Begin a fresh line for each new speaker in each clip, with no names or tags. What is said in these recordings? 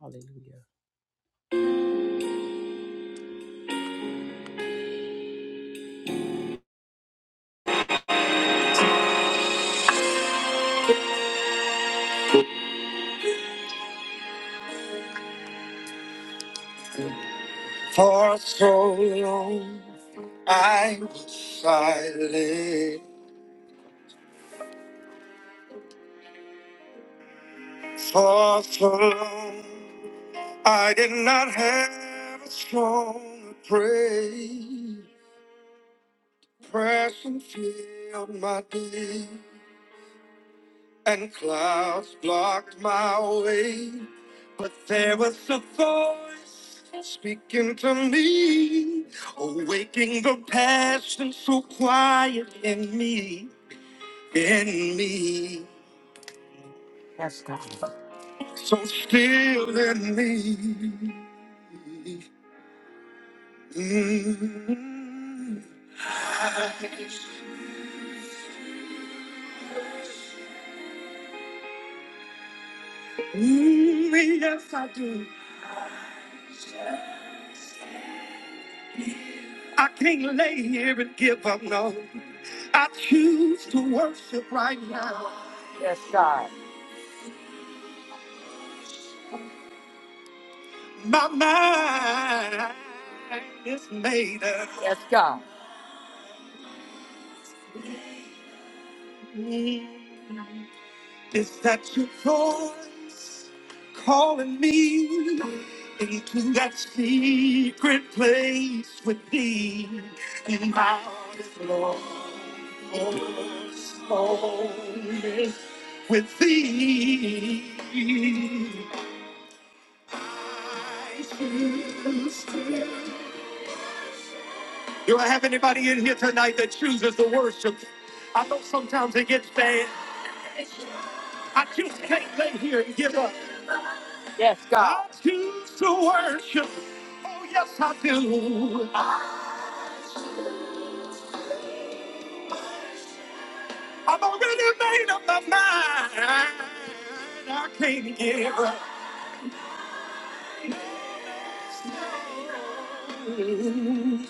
Hallelujah. For so long I was silent. For so long I did not have a strong praise. Depression filled my day, and clouds blocked my way. But there was a voice speaking to me, awaking the passion so quiet in me. in me. Yes, God. So still in me. Mm, mm, yes, I do. I can't lay here and give up, no. I choose to worship right now. Yes, God. My mind is made up. Yes, God. Mm. Is that your voice calling me into that secret place with thee? And my heart is lost, lonely with thee. I choose to- Do I have anybody in here tonight that chooses to worship? I know sometimes it gets bad. I just can't lay here and give up. Yes, God. I choose to worship. Oh, yes, I do. I- I've already made up my mind. I can't give up.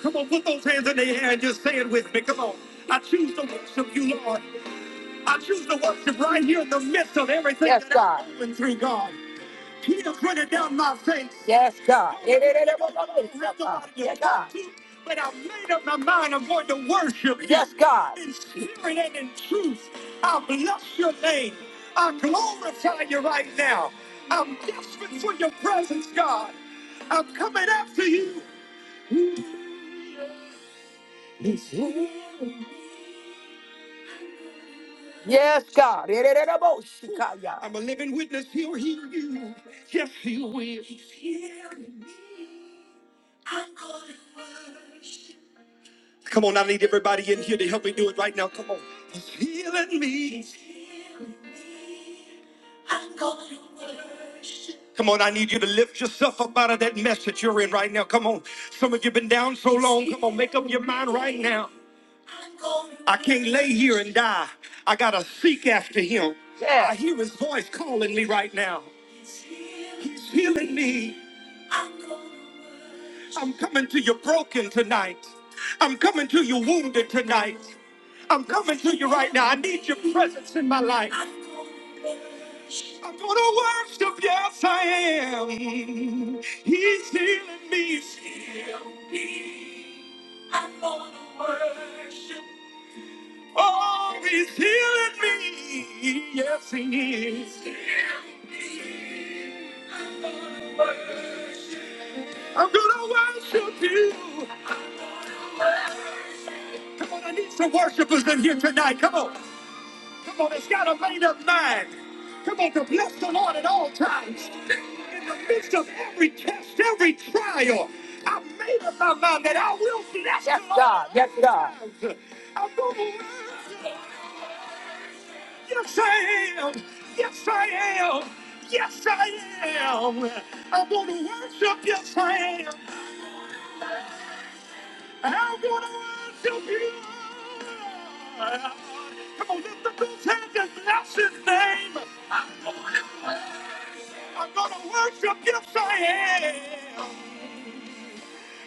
Come on, put those hands in the air and just say it with me. Come on. I choose to worship you, Lord. I choose to worship right here in the midst of everything Yes, that I'm God. going through, God. He'll down my face. Yes, God. Not the But I made up my mind I'm going to worship you Yes, God. in spirit and in truth. I bless your name. I glorify you right now. I'm desperate for your presence, God. I'm coming after you. He's here. Yes, God. I'm a living witness. He'll hear you. Yes, he will. Come on, I need everybody in here to help me do it right now. Come on. He's healing me. Come on, I need you to lift yourself up out of that mess that you're in right now. Come on. Some of you have been down so long. Come on, make up your mind right now. I can't lay here and die. I gotta seek after him. Yeah. I hear his voice calling me right now. He's healing me. I'm coming to you broken tonight. I'm coming to you wounded tonight. I'm coming to you right now. I need your presence in my life. I'm gonna worship, yes I am. He's healing me. I'm gonna worship. Oh, he's healing me. Yes, he is. I'm gonna worship you. Come on, I need some worshipers in here tonight. Come on. Come on, it's got a made up mind. Come on, to bless the Lord at all times. In the midst of every test, every trial, I made up my mind that I will bless yes, the Lord. God. Yes, God. I'm gonna worship. Yes, I am. Yes, I am. Yes, I am. I'm going to worship. Yes, I am. I'm going to worship you. Come on, lift up those hands and bless his name. I'm going to worship. Yes, I am.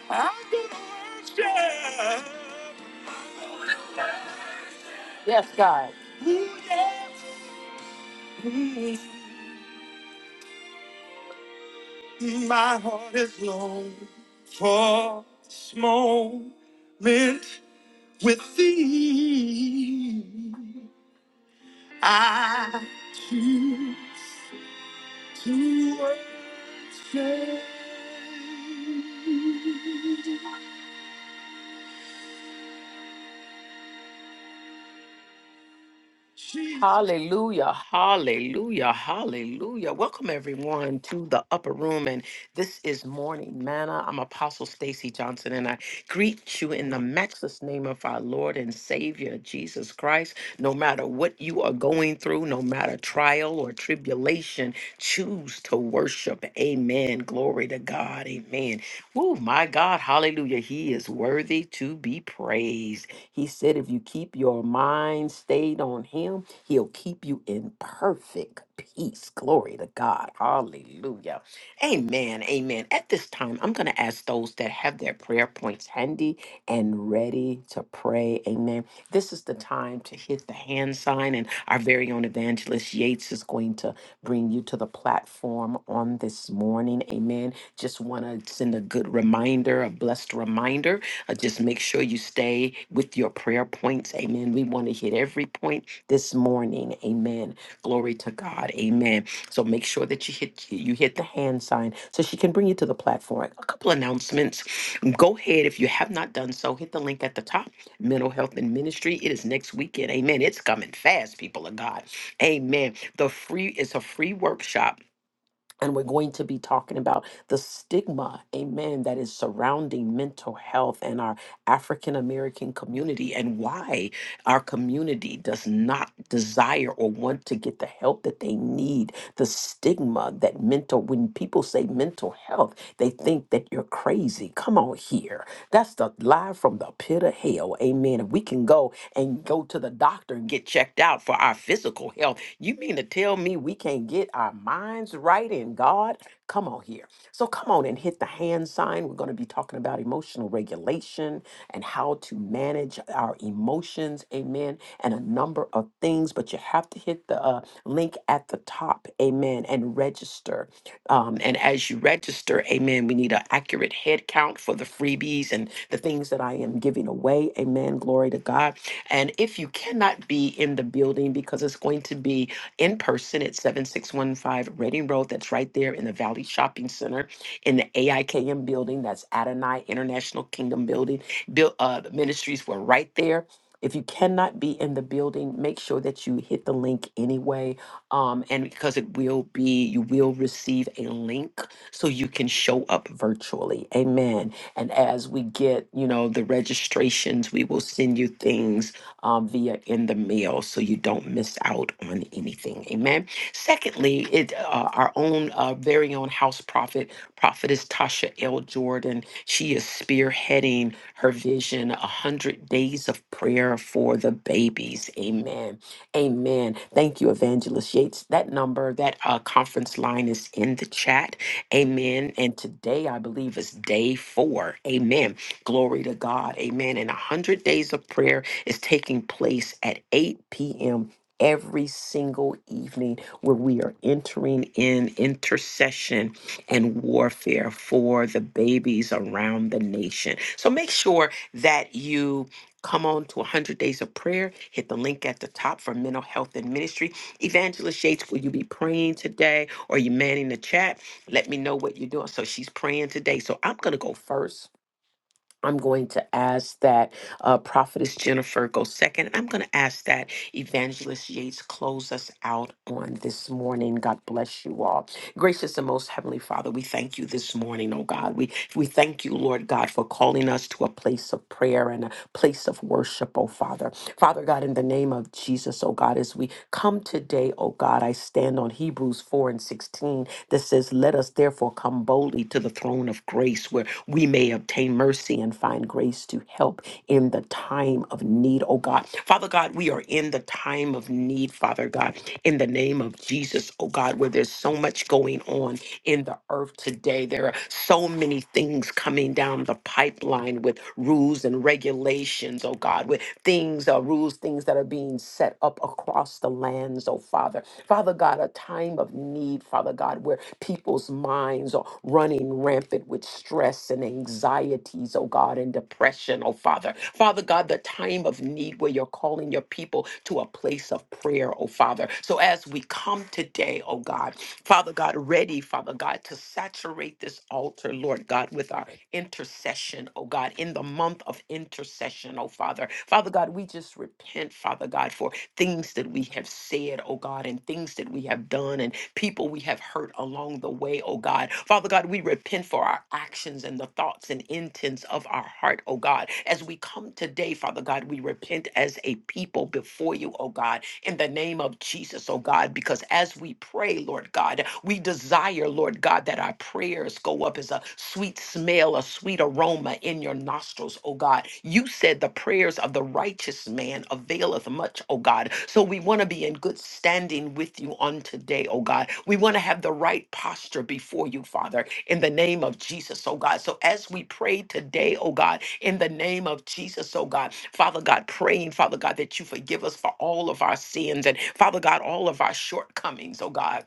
I'm going to worship. Yes, God. Ooh, yes. Mm, My heart is long for this moment With thee, I choose to worship. Hallelujah, hallelujah, hallelujah. Welcome everyone to the upper room. And this is Morning Manna. I'm Apostle Stacy Johnson, and I greet you in the matchless name of our Lord and Savior Jesus Christ. No matter what you are going through, no matter trial or tribulation, choose to worship. Amen. Glory to God. Amen. Oh my God, hallelujah. He is worthy to be praised. He said, if you keep your mind stayed on Him, He'll keep you in perfect peace. Glory to God. Hallelujah. Amen. Amen. At this time, I'm going to ask those that have their prayer points handy and ready to pray. Amen. This is the time to hit the hand sign, and our very own evangelist Yates is going to bring you to the platform on this morning. Amen. Just want to send a good reminder, a blessed reminder uh, just make sure you stay with your prayer points. Amen. We want to hit every point this morning. Amen. Glory to God. Amen. So make sure that you hit you hit the hand sign so she can bring you to the platform. A couple announcements. Go ahead if you have not done so. Hit the link at the top. Mental health and ministry. It is next weekend. Amen. It's coming fast, people of God. Amen. The free it's a free workshop and we're going to be talking about the stigma, amen, that is surrounding mental health and our African American community and why our community does not desire or want to get the help that they need. The stigma that mental, when people say mental health, they think that you're crazy. Come on here. That's the lie from the pit of hell, amen. If we can go and go to the doctor and get checked out for our physical health, you mean to tell me we can't get our minds right in God? Come on here. So come on and hit the hand sign. We're going to be talking about emotional regulation and how to manage our emotions. Amen. And a number of things, but you have to hit the uh, link at the top. Amen. And register. Um, and as you register, amen, we need an accurate head count for the freebies and the things that I am giving away. Amen. Glory to God. And if you cannot be in the building because it's going to be in person at 7615 Reading Road. That's right there in the Valley Shopping Center in the AIKM building. That's Adonai International Kingdom Building. Built uh, the ministries were right there. If you cannot be in the building, make sure that you hit the link anyway. Um, and because it will be, you will receive a link so you can show up virtually. Amen. And as we get, you know, the registrations, we will send you things um, via in the mail so you don't miss out on anything. Amen. Secondly, it uh, our own uh, very own house prophet, prophetess Tasha L. Jordan. She is spearheading her vision, a hundred days of prayer for the babies. Amen. Amen. Thank you, Evangelist Yates. That number, that uh, conference line is in the chat. Amen. And today, I believe, is day four. Amen. Glory to God. Amen. And a hundred days of prayer is taking place at 8 p.m. every single evening where we are entering in intercession and warfare for the babies around the nation. So make sure that you come on to 100 days of prayer hit the link at the top for mental health and ministry evangelist yates will you be praying today or you manning the chat let me know what you're doing so she's praying today so i'm going to go first I'm going to ask that uh, Prophetess Jennifer go second. I'm going to ask that Evangelist Yates close us out on this morning. God bless you all. Gracious and most heavenly Father, we thank you this morning, oh God. We we thank you, Lord God, for calling us to a place of prayer and a place of worship, oh Father. Father God, in the name of Jesus, oh God, as we come today, oh God, I stand on Hebrews 4 and 16 that says, Let us therefore come boldly to the throne of grace where." we may obtain mercy and find grace to help in the time of need, oh God. Father God, we are in the time of need, Father God, in the name of Jesus, oh God, where there's so much going on in the earth today. There are so many things coming down the pipeline with rules and regulations, oh God, with things, uh, rules, things that are being set up across the lands, oh Father. Father God, a time of need, Father God, where people's minds are running rampant with stress and anxieties, oh God, and depression, oh Father. Father God, the time of need where you're calling your people to a place of prayer, oh Father. So as we come today, oh God, Father God, ready, Father God, to saturate this altar, Lord God, with our intercession, oh God, in the month of intercession, oh Father. Father God, we just repent, Father God, for things that we have said, oh God, and things that we have done and people we have hurt along the way, oh God. Father God, we repent for our actions and the thoughts and intents of our heart, oh God. As we come today, Father God, we repent as a people before you, oh God in the name of Jesus, oh God, because as we pray, Lord God, we desire, Lord God, that our prayers go up as a sweet smell, a sweet aroma in your nostrils, oh God. You said the prayers of the righteous man availeth much, oh God. So we want to be in good standing standing with you on today, oh God. We want to have the right posture before you, Father, in the name of Jesus, oh God. So as we pray today, oh God, in the name of Jesus, oh God, Father God, praying, Father God, that you forgive us for all of our sins and Father God, all of our shortcomings, oh God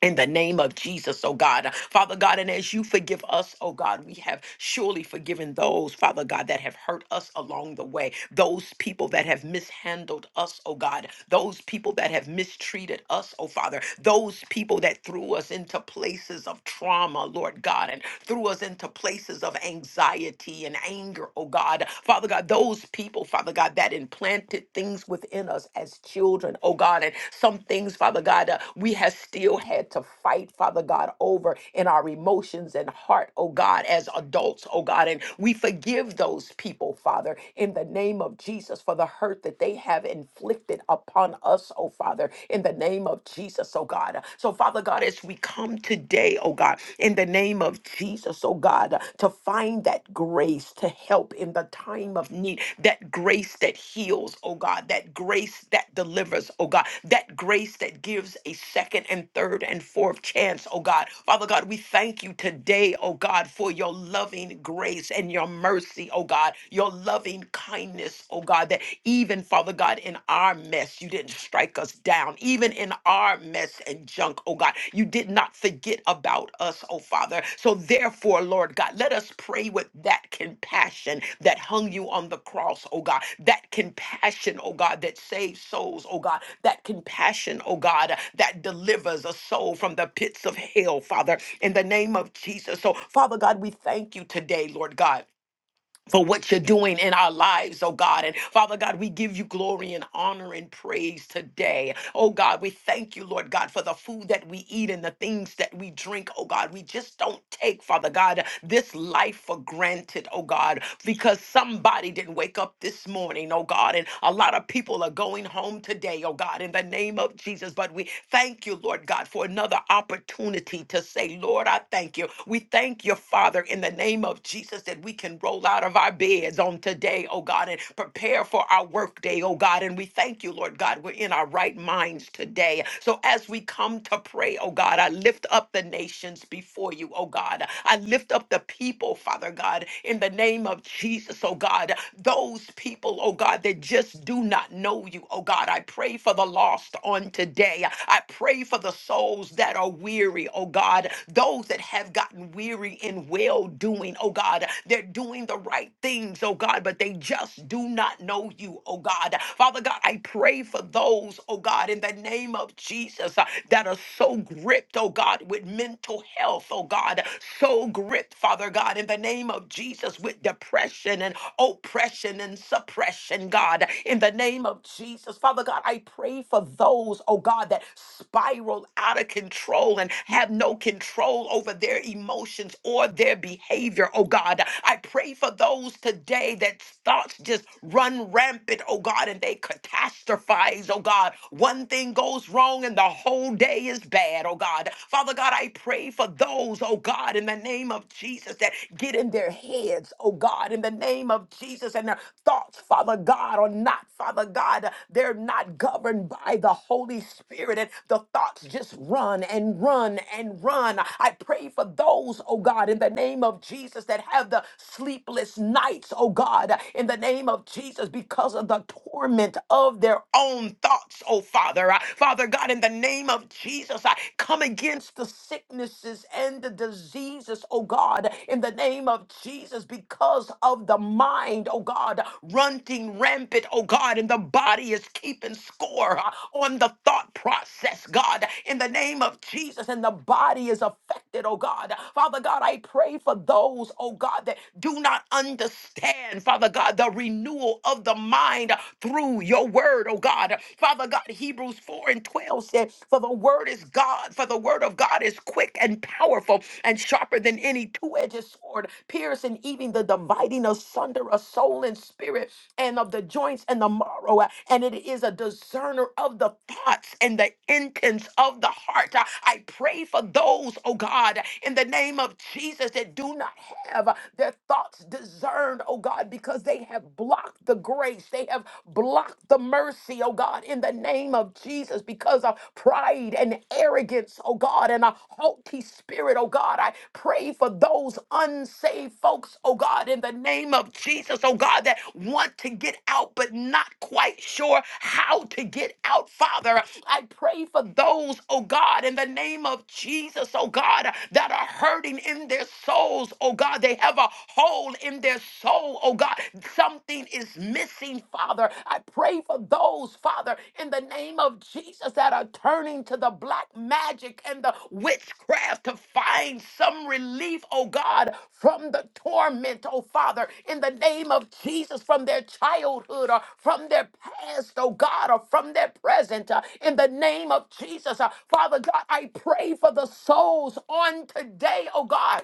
in the name of Jesus, oh God. Father God, and as you forgive us, oh God, we have surely forgiven those, Father God, that have hurt us along the way, those people that have mishandled us, oh God, those people that have mistreated us, oh Father, those people that threw us into places of trauma, Lord God, and threw us into places of anxiety and anger, oh God. Father God, those people, Father God, that implanted things within us as children, oh God, and some things, Father God, uh, we have still had to fight, Father God, over in our emotions and heart, oh God, as adults, oh God. And we forgive those people, Father, in the name of Jesus for the hurt that they have inflicted upon us, oh Father, in the name of Jesus, oh God oh God. So, Father God, as we come today, oh God, in the name of Jesus, oh God, to find that grace to help in the time of need, that grace that heals, oh God, that grace that delivers, oh God, that grace that gives a second and third and fourth chance, oh God. Father God, we thank you today, oh God, for your loving grace and your mercy, oh God, your loving kindness, oh God, that even, Father. Father God, in our mess, you didn't strike us down. Even in our mess and junk, oh God, you did not forget about us, oh Father. So therefore, Lord God, let us pray with that compassion that hung you on the cross, oh God. That compassion, oh God, that saves souls, oh God. That compassion, oh God, that delivers a soul from the pits of hell, Father, in the name of Jesus. So, Father God, we thank you today, Lord God for what you're doing in our lives, oh God. And Father God, we give you glory and honor and praise today. Oh God, we thank you, Lord God, for the food that we eat and the things that we drink, oh God. We just don't take, Father God, this life for granted, oh God, because somebody didn't wake up this morning, oh God. And a lot of people are going home today, oh God, in the name of Jesus. But we thank you, Lord God, for another opportunity to say, Lord, I thank you. We thank you, Father, in the name of Jesus, that we can roll roll out of our beds on today, oh God, and prepare for our workday, oh God. And we thank you, Lord God, we're in our right minds today. So as we come to pray, oh God, I lift up the nations before you, oh God. I lift up the people, Father God, in the name of Jesus, oh God. Those people, oh God, that just do not know you, oh God. I pray for the lost on today. I pray for the souls that are weary, oh God. Those that have gotten weary in well doing, oh God. They're doing doing the right things, oh God, but they just do not know you, oh God. Father God, I pray for those, oh God, in the name of Jesus uh, that are so gripped, oh God, with mental health, oh God, so gripped, Father God, in the name of Jesus with depression and oppression and suppression, God, in the name of Jesus. Father God, I pray for those, oh God, that spiral out of control and have no control over their emotions or their behavior, oh God. I pray for those today that thoughts just run rampant, oh God, and they catastrophize, oh God. One thing goes wrong and the whole day is bad, oh God. Father God, I pray for those, oh God, in the name of Jesus that get in their heads, oh God, in the name of Jesus, and their thoughts, Father God, are not, Father God, they're not governed by the Holy Spirit, and the thoughts just run and run and run. I pray for those, oh God, in the name of Jesus that have the sleepless nights, oh God, in the name of Jesus, because of the torment of their own thoughts, oh Father. Uh, Father God, in the name of Jesus, I come against the sicknesses and the diseases, oh God, in the name of Jesus, because of the mind, oh God, running rampant, oh God, and the body is keeping score uh, on the thought process, God, in the name of Jesus, and the body is affected, oh God. Father God, I pray for those those, oh God, that do not understand, Father God, the renewal of the mind through your word, oh God. Father God, Hebrews 4 and 12 said, For the word is God, for the word of God is quick and powerful and sharper than any two edged sword, piercing even the dividing asunder of soul and spirit and of the joints and the marrow. uh, And it is a discerner of the thoughts and the intents of the heart. Uh, I pray for those, oh God, in the name of Jesus that do not do not have uh, their thoughts discerned, oh God, because they have blocked the grace. They have blocked the mercy, oh God, in the name of Jesus, because of pride and arrogance, oh God, and a haughty spirit, oh God. I pray for those unsaved folks, oh God, in the name of Jesus, oh God, that want to get out but not quite sure how to get out, Father. I pray for those, oh God, in the name of Jesus, oh God, that are hurting in their soul souls, oh God. They have a hole in their soul, oh God. Something is missing, Father. I pray for those, Father, in the name of Jesus that are turning to the black magic and the witchcraft to find some relief, oh God, from the torment, oh Father, in the name of Jesus, from their childhood or from their past, oh God, or from their present, uh, in the name of Jesus. Uh, Father God, I pray for the souls on today, oh God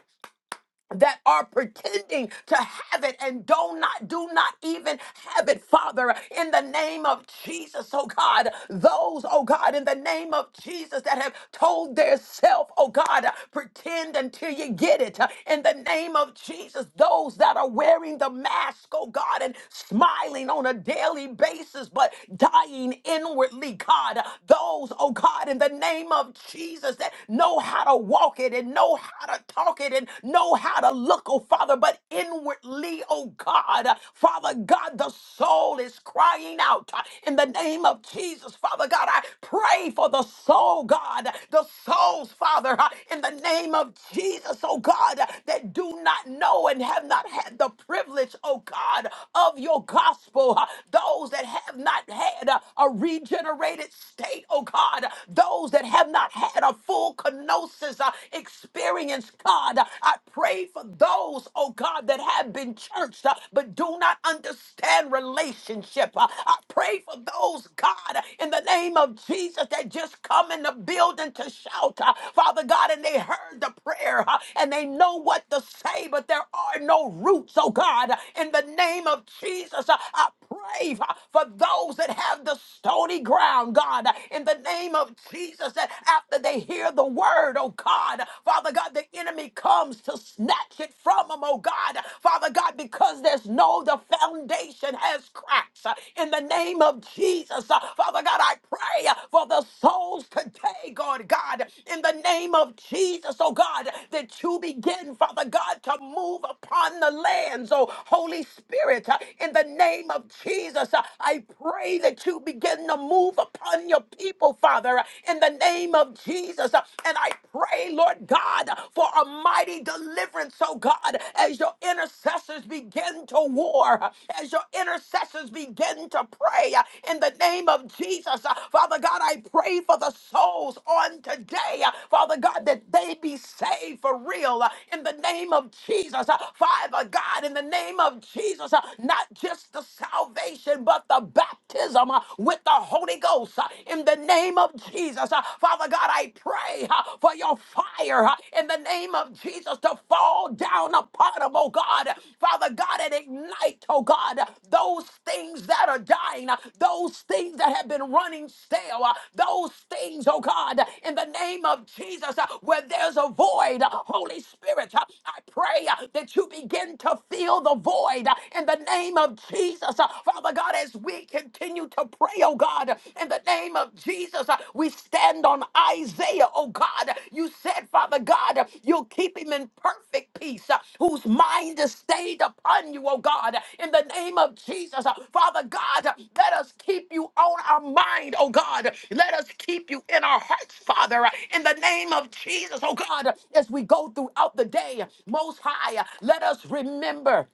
that are pretending to have it and do not do not even have it father in the name of jesus oh god those oh god in the name of jesus that have told their self oh god pretend until you get it in the name of jesus those that are wearing the mask oh god and smiling on a daily basis but dying inwardly god those oh god in the name of jesus that know how to walk it and know how to talk it and know how to look, oh Father, but inwardly, oh God, uh, Father God, the soul is crying out uh, in the name of Jesus, Father God. I pray for the soul, God, the souls, Father, uh, in the name of Jesus, oh God, uh, that do not know and have not had the privilege, oh God, of your gospel, uh, those that have not had uh, a regenerated state, oh God, those that have not had a full full kenosis uh, experience, God. Uh, I pray for those, oh God, that have been churched uh, but do not understand relationship. Uh, I pray for those, God, in the name of Jesus that just come in the building to shout, uh, Father God, and they heard the prayer uh, and they know what to say, but there are no roots, oh God. In the name of Jesus, uh, I pray uh, for those that have the stony ground, God, in the name of of Jesus that after they hear the word, oh God. Father God, the enemy comes to snatch it from them, oh God. Father God, because there's no, the foundation has cracks. Uh, In the name of Jesus, uh, Father God, I pray uh, for the souls today, God, God. In the name of Jesus, oh God, that you begin, Father God, to move upon the lands, oh Holy Spirit. uh, In the name of Jesus, uh, I pray that you begin to move move upon your people, Father, in the name of Jesus. And I pray, Lord God, for a mighty deliverance, oh God, as your intercessors begin to war, as your intercessors begin to pray uh, in the name of Jesus. Uh, Father God, I pray for the souls on today, uh, Father God, that they be saved for real uh, in the name of Jesus. Uh, Father God, in the name of Jesus, uh, not just the salvation, but the baptism uh, with the Holy Ghost uh, in the name of Jesus. Uh, Father God, I pray uh, for your fire uh, in the name of Jesus to fall down upon them, oh God. Father God, and ignite, oh God, those things that are dying, uh, those things that have been running stale, uh, those things, oh God, in the name of Jesus, uh, where there's a void, uh, Holy Spirit, uh, I pray uh, that you begin to fill the void uh, in the name of Jesus. Uh, Father God, as we continue to pray, oh God, in the name of Jesus, uh, we stand on Isaiah, oh God. You said, Father God, uh, you'll keep him in perfect peace, uh, whose mind is stayed upon you, oh God, in the name of Jesus. Uh, Father God, uh, let us keep you on our mind, oh God. Let us keep you in our hearts, Father, uh, in the name of Jesus, oh God, as we go throughout the day. Most high, uh, let us remember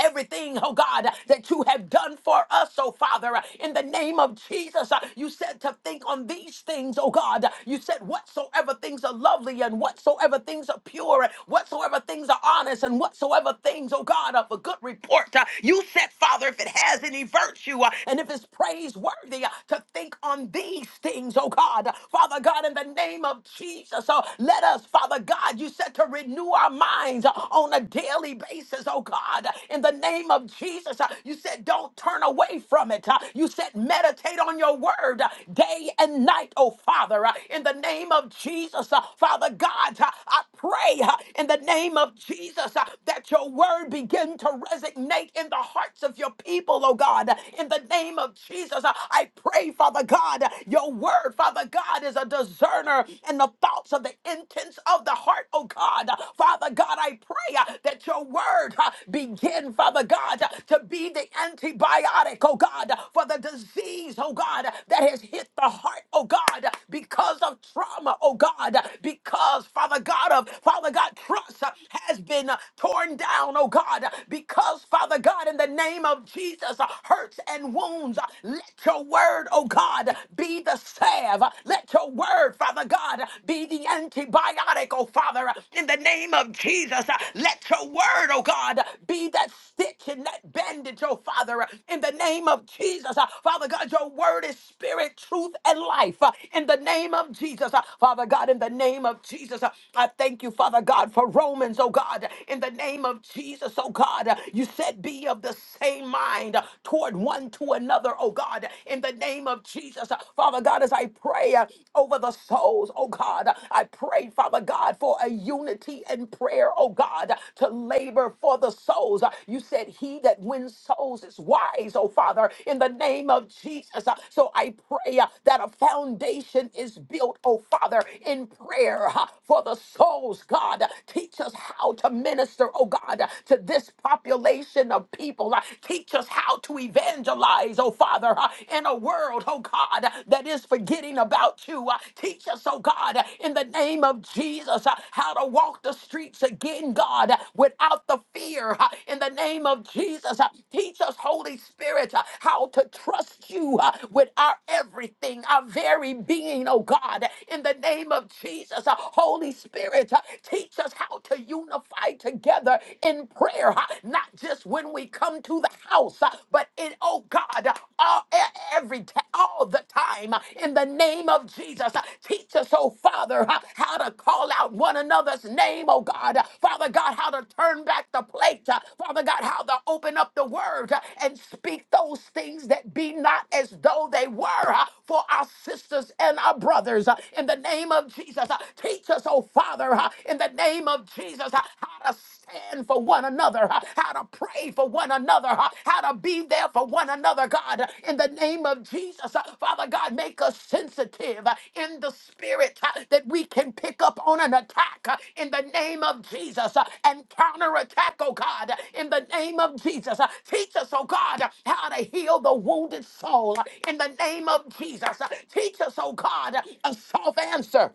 everything, oh God, that you have done for us, oh Father, in the name of Jesus. Uh, You said to think on these things, oh God. You said whatsoever things are lovely and whatsoever things are pure, and whatsoever things are honest and whatsoever things, oh God, of a good report. Uh, You said, Father, if it has any virtue uh, and if it's praiseworthy, uh, to think on these things, oh God. Father God, in the name of Jesus, oh, let us, Father God, you said to renew our minds minds uh, on a daily basis, oh God, in the name of Jesus. Uh, You said, don't turn away from it. Uh, You said, meditate on your word uh, day and night, oh Father, Uh, in the name of Jesus. uh, Father God, uh, I pray uh, in the name of Jesus uh, that your word begin to resonate in the hearts of your people, oh God, in the name of Jesus. uh, I pray, Father God, your word, Father God, is a discerner in the thoughts of the intents of the heart, oh God. Father God, I pray uh, that your word uh, begin, Father God, uh, to be the antibiotic, oh God, for the disease, oh God, that has hit the heart, oh God, because of trauma, oh God, because, Father God, of Father God, trust uh, has been uh, torn down, oh God, because, Father God, in the name of Jesus, uh, hurts and wounds, uh, let your word, oh God, be the salve. Let your word, Father God, be the antibiotic, oh Father, in the name of Jesus. Let your word, oh God, be that stitch and that bandage, oh Father, in the name of Jesus. Father God, your word is spirit, truth, and life. In the name of Jesus, Father God, in the name of Jesus, I thank you, Father God, for Romans, oh God, in the name of Jesus, oh God. You said, be of the same mind toward one to another, oh God, in in the name of Jesus. Father God, as I pray uh, over the souls, oh God, I pray, Father God, for a unity in prayer, oh God, to labor for the souls. You said, He that wins souls is wise, oh Father, in the name of Jesus. So I pray uh, that a foundation is built, oh Father, in prayer uh, for the souls, God. Teach us how to minister, oh God, to this population of people. Teach us us how to evangelize, oh Father, uh, in a world, oh God, that is forgetting about you. Uh, Teach us, oh God, in the name of Jesus, uh, how to walk the streets again, God, uh, without the fear. uh, In the name of Jesus, Uh, teach us, Holy Spirit, uh, how to trust you uh, with our everything, our very being, oh God, in the name of Jesus. Uh, Holy Spirit, uh, teach us how to unify together in prayer prayer, huh, not just when we come to the house, huh, but in, oh God, uh, all, e- every t- all the time, uh, in the name of Jesus. Uh, Teach us, oh Father, huh, how to call out one another's name, oh God. Uh, Father God, how to turn back the plate. uh, Father God, how to open up the word uh, and speak those things that be not as though they were uh, for our sisters and our brothers. uh, In the name of Jesus, Uh, teach us, oh Father, uh, in the name name of Jesus uh, how to stand for one another, uh, how to pray for one another, uh, how to be there for one another, God. uh, In the name of Jesus, uh, Father God, make us sensitive uh, in the spirit uh, that we can pick up on an attack uh, in the name of Jesus uh, and counterattack, oh God, uh, in the name of Jesus. uh, Teach us, oh God, uh, how to heal the wounded soul uh, in the name of Jesus. uh, Teach us, oh God, uh, a soft answer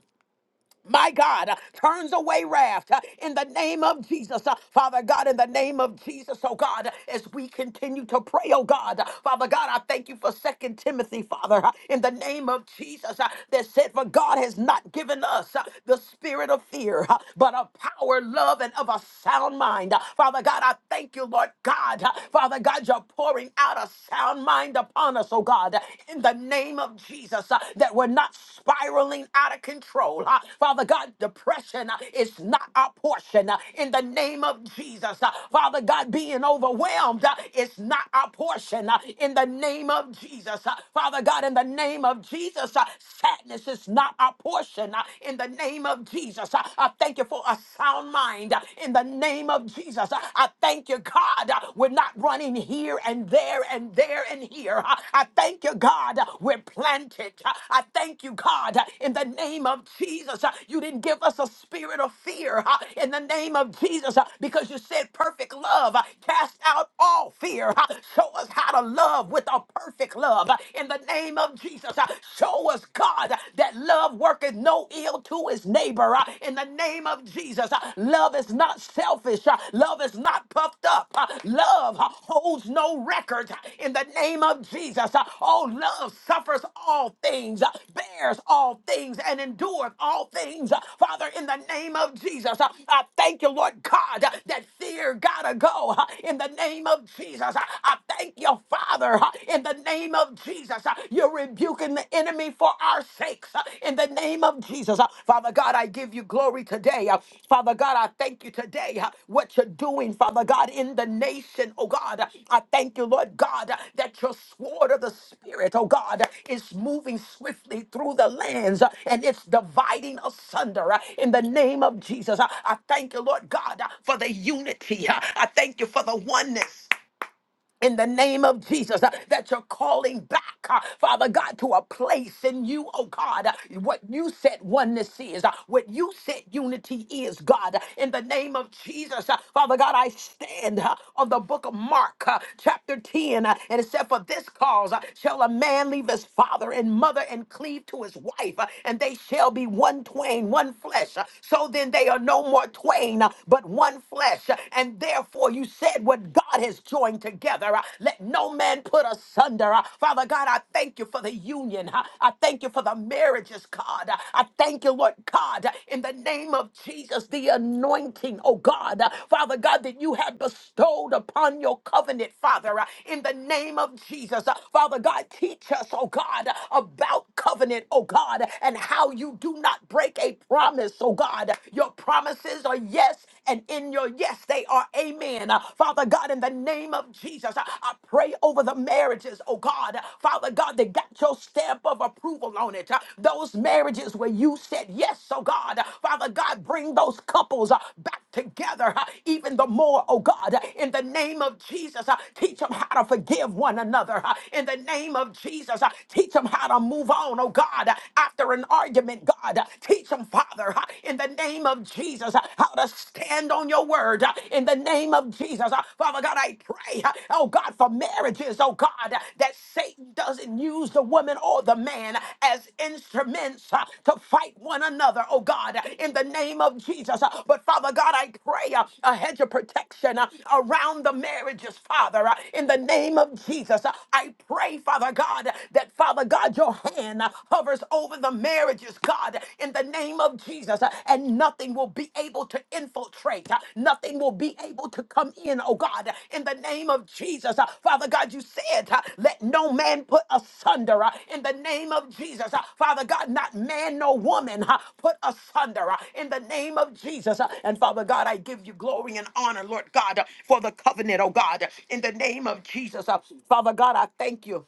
my God, uh, turns away wrath uh, in the name of Jesus. Uh, Father God, in the name of Jesus, oh God, uh, as we continue to pray, oh God, uh, Father God, I thank you for Second Timothy, Father, uh, in the name of Jesus, uh, that said, For God has not given us uh, the spirit of fear, uh, but of power, love, and of a sound mind. Uh, Father God, I thank you, Lord God. Uh, Father God, you're pouring out a sound mind upon us, oh God, in the name of Jesus, uh, that we're not spiraling out of control. uh. Father God, depression uh, is not our portion uh, in the name of Jesus. uh. Father God, being overwhelmed uh, is not our portion uh, in the name of Jesus. uh. Father God, in the name of Jesus, uh, sadness is not our portion uh, in the name of Jesus. uh. I thank you for a sound mind uh, in the name of Jesus. uh. I thank you, God. God, uh, we're not running here and there and there and here. Uh, I thank you, God, uh, we're planted. Uh, I thank you, God, uh, in the name of Jesus. uh, You didn't give us a spirit of fear uh, in the name of Jesus uh, because you said perfect love uh, cast out all fear. Uh, Show us how to love with a perfect love uh, in the name of Jesus. Uh, Show us, God, uh, that love worketh no ill to his neighbor. uh, in the name of Jesus. Uh, Love is not selfish. Uh, Love is not puffed up. Uh, Love uh, holds no record uh, in the name of Jesus. Uh, Oh, love suffers all things, uh, bears all things, and endures all things. Uh, Father, in the name of Jesus, uh, I thank you, Lord God, uh, that fear gotta go uh, in the name of Jesus. Uh, I thank you, Father, uh, in the name of Jesus. Uh, You rebuke rebuking the enemy for our sakes uh, in the name of Jesus. Uh, Father God, I give you glory today. Uh, Father God, I thank you today uh, what you're doing, Father God, in the nation, oh God. Uh, I thank you, Lord God, uh, that your sword of the Spirit, oh God, uh, is moving swiftly through the lands uh, and it's dividing asunder uh, in the name of Jesus. Uh, I thank you, Lord God, uh, for the unity. Uh, I thank you for the oneness in the name of Jesus uh, that you're calling back, uh, Father God, to a place in you, oh God, uh, what you said oneness is, uh, what you said unity is, God, uh, in the name of Jesus. uh, Father God, I stand uh, on the book of Mark, uh, chapter 10, uh, and it said, For this cause uh, shall a man leave his father and mother and cleave to his wife, uh, and they shall be one twain, one flesh. Uh, So then they are no more twain, uh, but one flesh, uh, and therefore Therefore, you said what God has joined together. uh, Let no man put asunder. uh. Father God, I thank you for the union. uh. I thank you for the marriages, God. Uh, I thank you, Lord God, uh, in the name of Jesus, the anointing, oh God. Uh, Father God, that you have bestowed upon your covenant, Father, uh, in the name of Jesus. Uh, Father God, teach us, oh God, uh, about covenant, oh God, and how you do not break a promise, oh God. Your promises are yes and in your yes, they are amen. Uh, Father God, in the name of Jesus, I I pray over the marriages, oh God. Uh, Father God, they got your stamp of approval on it. Uh, Those marriages where you said yes, oh God. Uh, Father God, bring those couples uh, back together uh, even the more, oh God. Uh, In the name of Jesus, uh, teach them how to forgive one another. Uh, In the name of Jesus, uh, teach them how to move on, oh God, Uh, after an argument, God. uh, Teach them, Father, uh, in the name of Jesus, uh, how to stand on your word, uh, in the name of Jesus. Uh, Father God, I pray, uh, oh God, for marriages, oh God, uh, that Satan doesn't use the woman or the man as instruments uh, to fight one another, oh God, uh, in the name of Jesus. Uh, But Father God, I pray uh, a hedge of protection uh, around the marriages, Father, uh, in the name of Jesus. Uh, I pray, Father God, that Father God, your hand uh, hover covers over the marriages, God, in the name of Jesus. uh, And nothing will be able to infiltrate. uh, Nothing will be able to come in, oh God, in the name of Jesus. Uh, Father God, you said, uh, let no man put asunder uh, in the name of Jesus. Uh, Father God, not man nor woman uh, put asunder uh, in the name of Jesus. Uh, And Father God, I give you glory and honor, Lord God, uh, for the covenant, oh God, in the name of Jesus. Uh, Father God, I thank you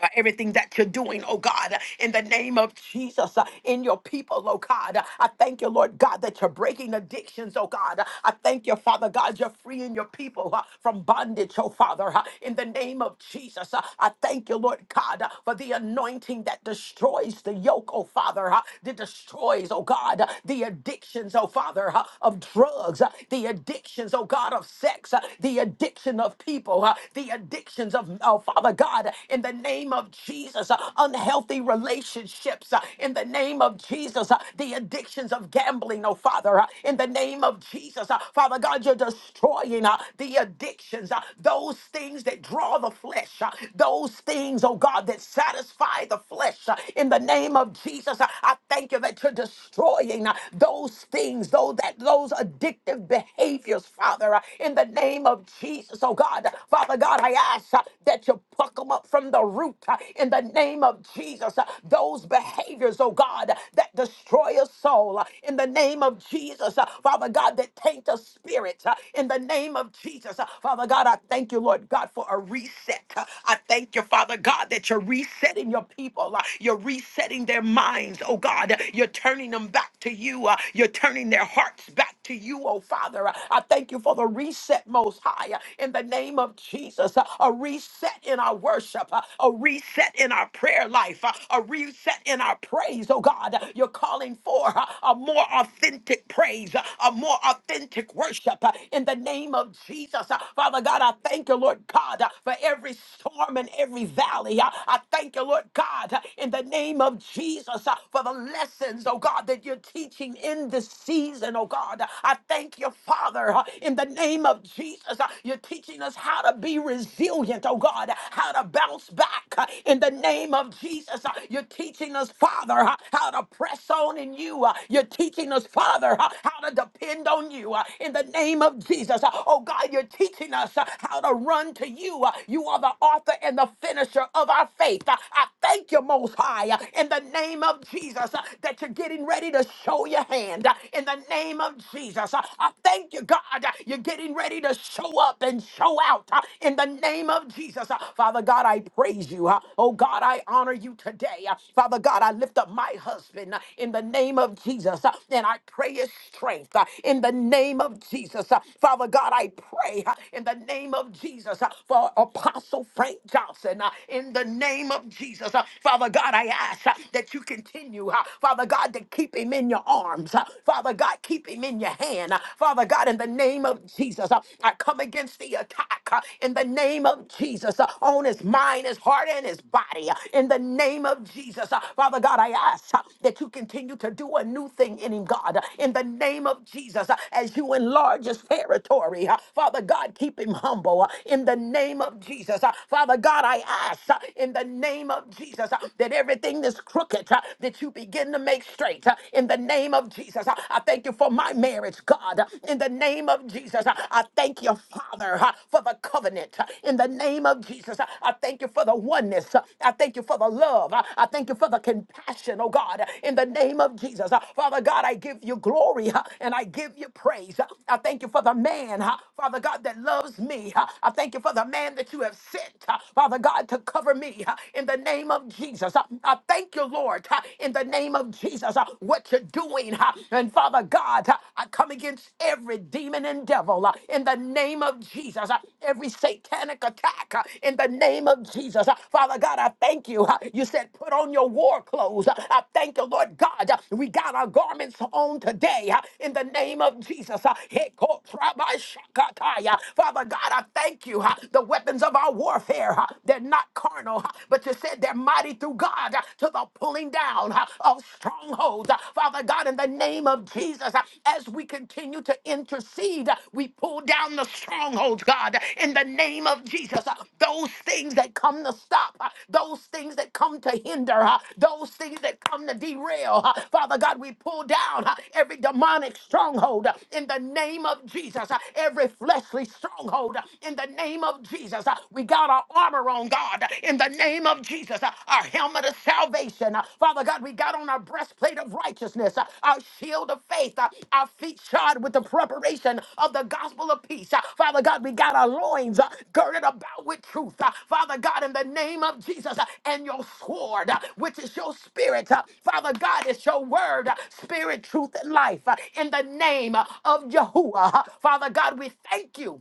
uh, everything that you're doing, oh God, in the name of Jesus, uh, in your people, oh God. I thank you, Lord God, that you're breaking addictions, oh God. I thank you, Father God, you're freeing your people uh, from bondage, oh Father, uh, in the name of Jesus. Uh, I thank you, Lord God, uh, for the anointing that destroys the yoke, oh Father, uh, that destroys, oh God, uh, the addictions, oh Father, uh, of drugs, uh, the addictions, oh God, of sex, uh, the addiction of people, uh, the addictions of oh Father God, in the name of Jesus, uh, unhealthy relationships, uh, in the name of Jesus, uh, the addictions of gambling, oh Father, uh, in the name of Jesus, uh, Father God, you're destroying uh, the addictions, uh, those things that draw the flesh, uh, those things, oh God, that satisfy the flesh, uh, in the name of Jesus, uh, I thank you that you're destroying uh, those things, though that those addictive behaviors, Father, uh, in the name of Jesus, oh God. God. Father God, I ask uh, that you pluck them up from the root uh, in the name of Jesus. Uh, Those behaviors, oh God, that destroy a soul uh, in the name of Jesus. Uh, Father God, that taint a spirit uh, in the name of Jesus. Uh, Father God, I thank you, Lord God, for a reset. Uh, I thank you, Father God, that you're resetting your people. Uh, You're resetting their minds, oh God. You're turning them back to you. Uh, You're turning their hearts back to you, oh Father. Uh, I thank you for the reset reset, Most High, uh, in the name of Jesus. uh, A reset in our worship, uh, a reset in our prayer life, uh, a reset in our praise. Oh God, you're calling for uh, a more authentic praise, uh, a more authentic worship uh, in the name of Jesus. uh. Father God, I thank you, Lord God, uh, for every storm and every valley. uh. I thank you, Lord God, uh, in the name of Jesus, uh, for the lessons, oh God, that you're teaching in this season, oh God. I thank Thank you, Father, uh, in the name of Jesus. uh, You're teaching us how to be resilient, oh God, uh, how to bounce back uh, in the name of Jesus. uh, You're teaching us, Father, uh, how to press on in you. uh, You're teaching us, Father, uh, how to depend on you uh, in the name of Jesus. uh, Oh God, you're teaching us uh, how to run to you. uh, You are the author and the finisher of our faith. Uh, I thank you, Most High, uh, in the name of Jesus, uh, that you're getting ready to show your hand in the name of Jesus. Uh, I thank you, God. Uh, You're getting ready to show up and show out uh, in the name of Jesus. Uh, Father God, I praise you. Uh, Oh God, I honor you today. Uh, Father God, I lift up my husband uh, in the name of Jesus uh, and I pray his strength uh, in the name of Jesus. Uh, Father God, I pray uh, in the name of Jesus uh, for Apostle Frank Johnson uh, in the name of Jesus. Uh, Father God, I ask uh, that you continue, uh, Father God. God, to keep him in your arms. Uh, Father God, keep him in your hand. Uh, Father God, in the name of Jesus, uh, I come against the attack uh, in the name of Jesus uh, on his mind, his heart, and his body. Uh, In the name of Jesus, uh, Father God, I ask uh, that you continue to do a new thing in him, God. Uh, In the name of Jesus, uh, as you enlarge his territory, uh, Father God, keep him humble. Uh, In the name of Jesus, uh, Father God, I ask uh, in the name of Jesus uh, that everything that's crooked, uh, that you begin to make straight uh, in the name of Jesus. Uh, I thank you for my marriage, God, uh, in the name of Jesus. Uh, I thank you, Father, uh, for the covenant uh, in the name of Jesus. Uh, I thank you for the oneness. Uh, I thank you for the love. Uh, I thank you for the compassion, oh God, uh, in the name of Jesus. Uh, Father God, I give you glory uh, and I give you praise. Uh, I thank you for the man, uh, Father God, that loves me. Uh, I thank you for the man that you have sent, uh, Father God, to cover me uh, in the name name of Jesus. Uh, I thank you, Lord, uh, in the name of Jesus, uh, what you're doing. uh, And Father God, uh, I come against every demon and devil uh, in the name of Jesus, uh, every satanic attack uh, in the name of Jesus. Uh, Father God, I thank you. uh, You said, put on your war clothes. Uh, I thank you, Lord God. uh, We got our garments on today uh, in the name of Jesus. Uh, Hekotrabashakataya. Father God, I thank you. uh, The weapons of our warfare. uh, they're not carnal, but you said they're mighty through God uh, to the pulling down uh, of strongholds. Uh, Father God, in the name of Jesus, uh, as we continue to intercede, uh, we pull down the strongholds, God, in the name of Jesus. Uh, Those things that come to stop, uh, those things that come to hinder, uh, those things that come to derail. Uh, Father God, we pull down uh, every demonic stronghold uh, in the name of Jesus, uh, every fleshly stronghold uh, in the name of Jesus of Jesus. Uh, We got our armor on, God, in the name of Jesus. Uh, Our helmet of salvation. Uh, Father God, we got on our breastplate of righteousness, uh, our shield of faith, uh, our feet shod with the preparation of the gospel of peace. Uh, Father God, we got our loins uh, girded about with truth. Uh, Father God, in the name of Jesus, uh, and your sword, uh, which is your spirit. uh, Father God, it's your word, uh, spirit, truth, and life. uh, In the name uh, of Yahuwah. Uh, Father God, we thank you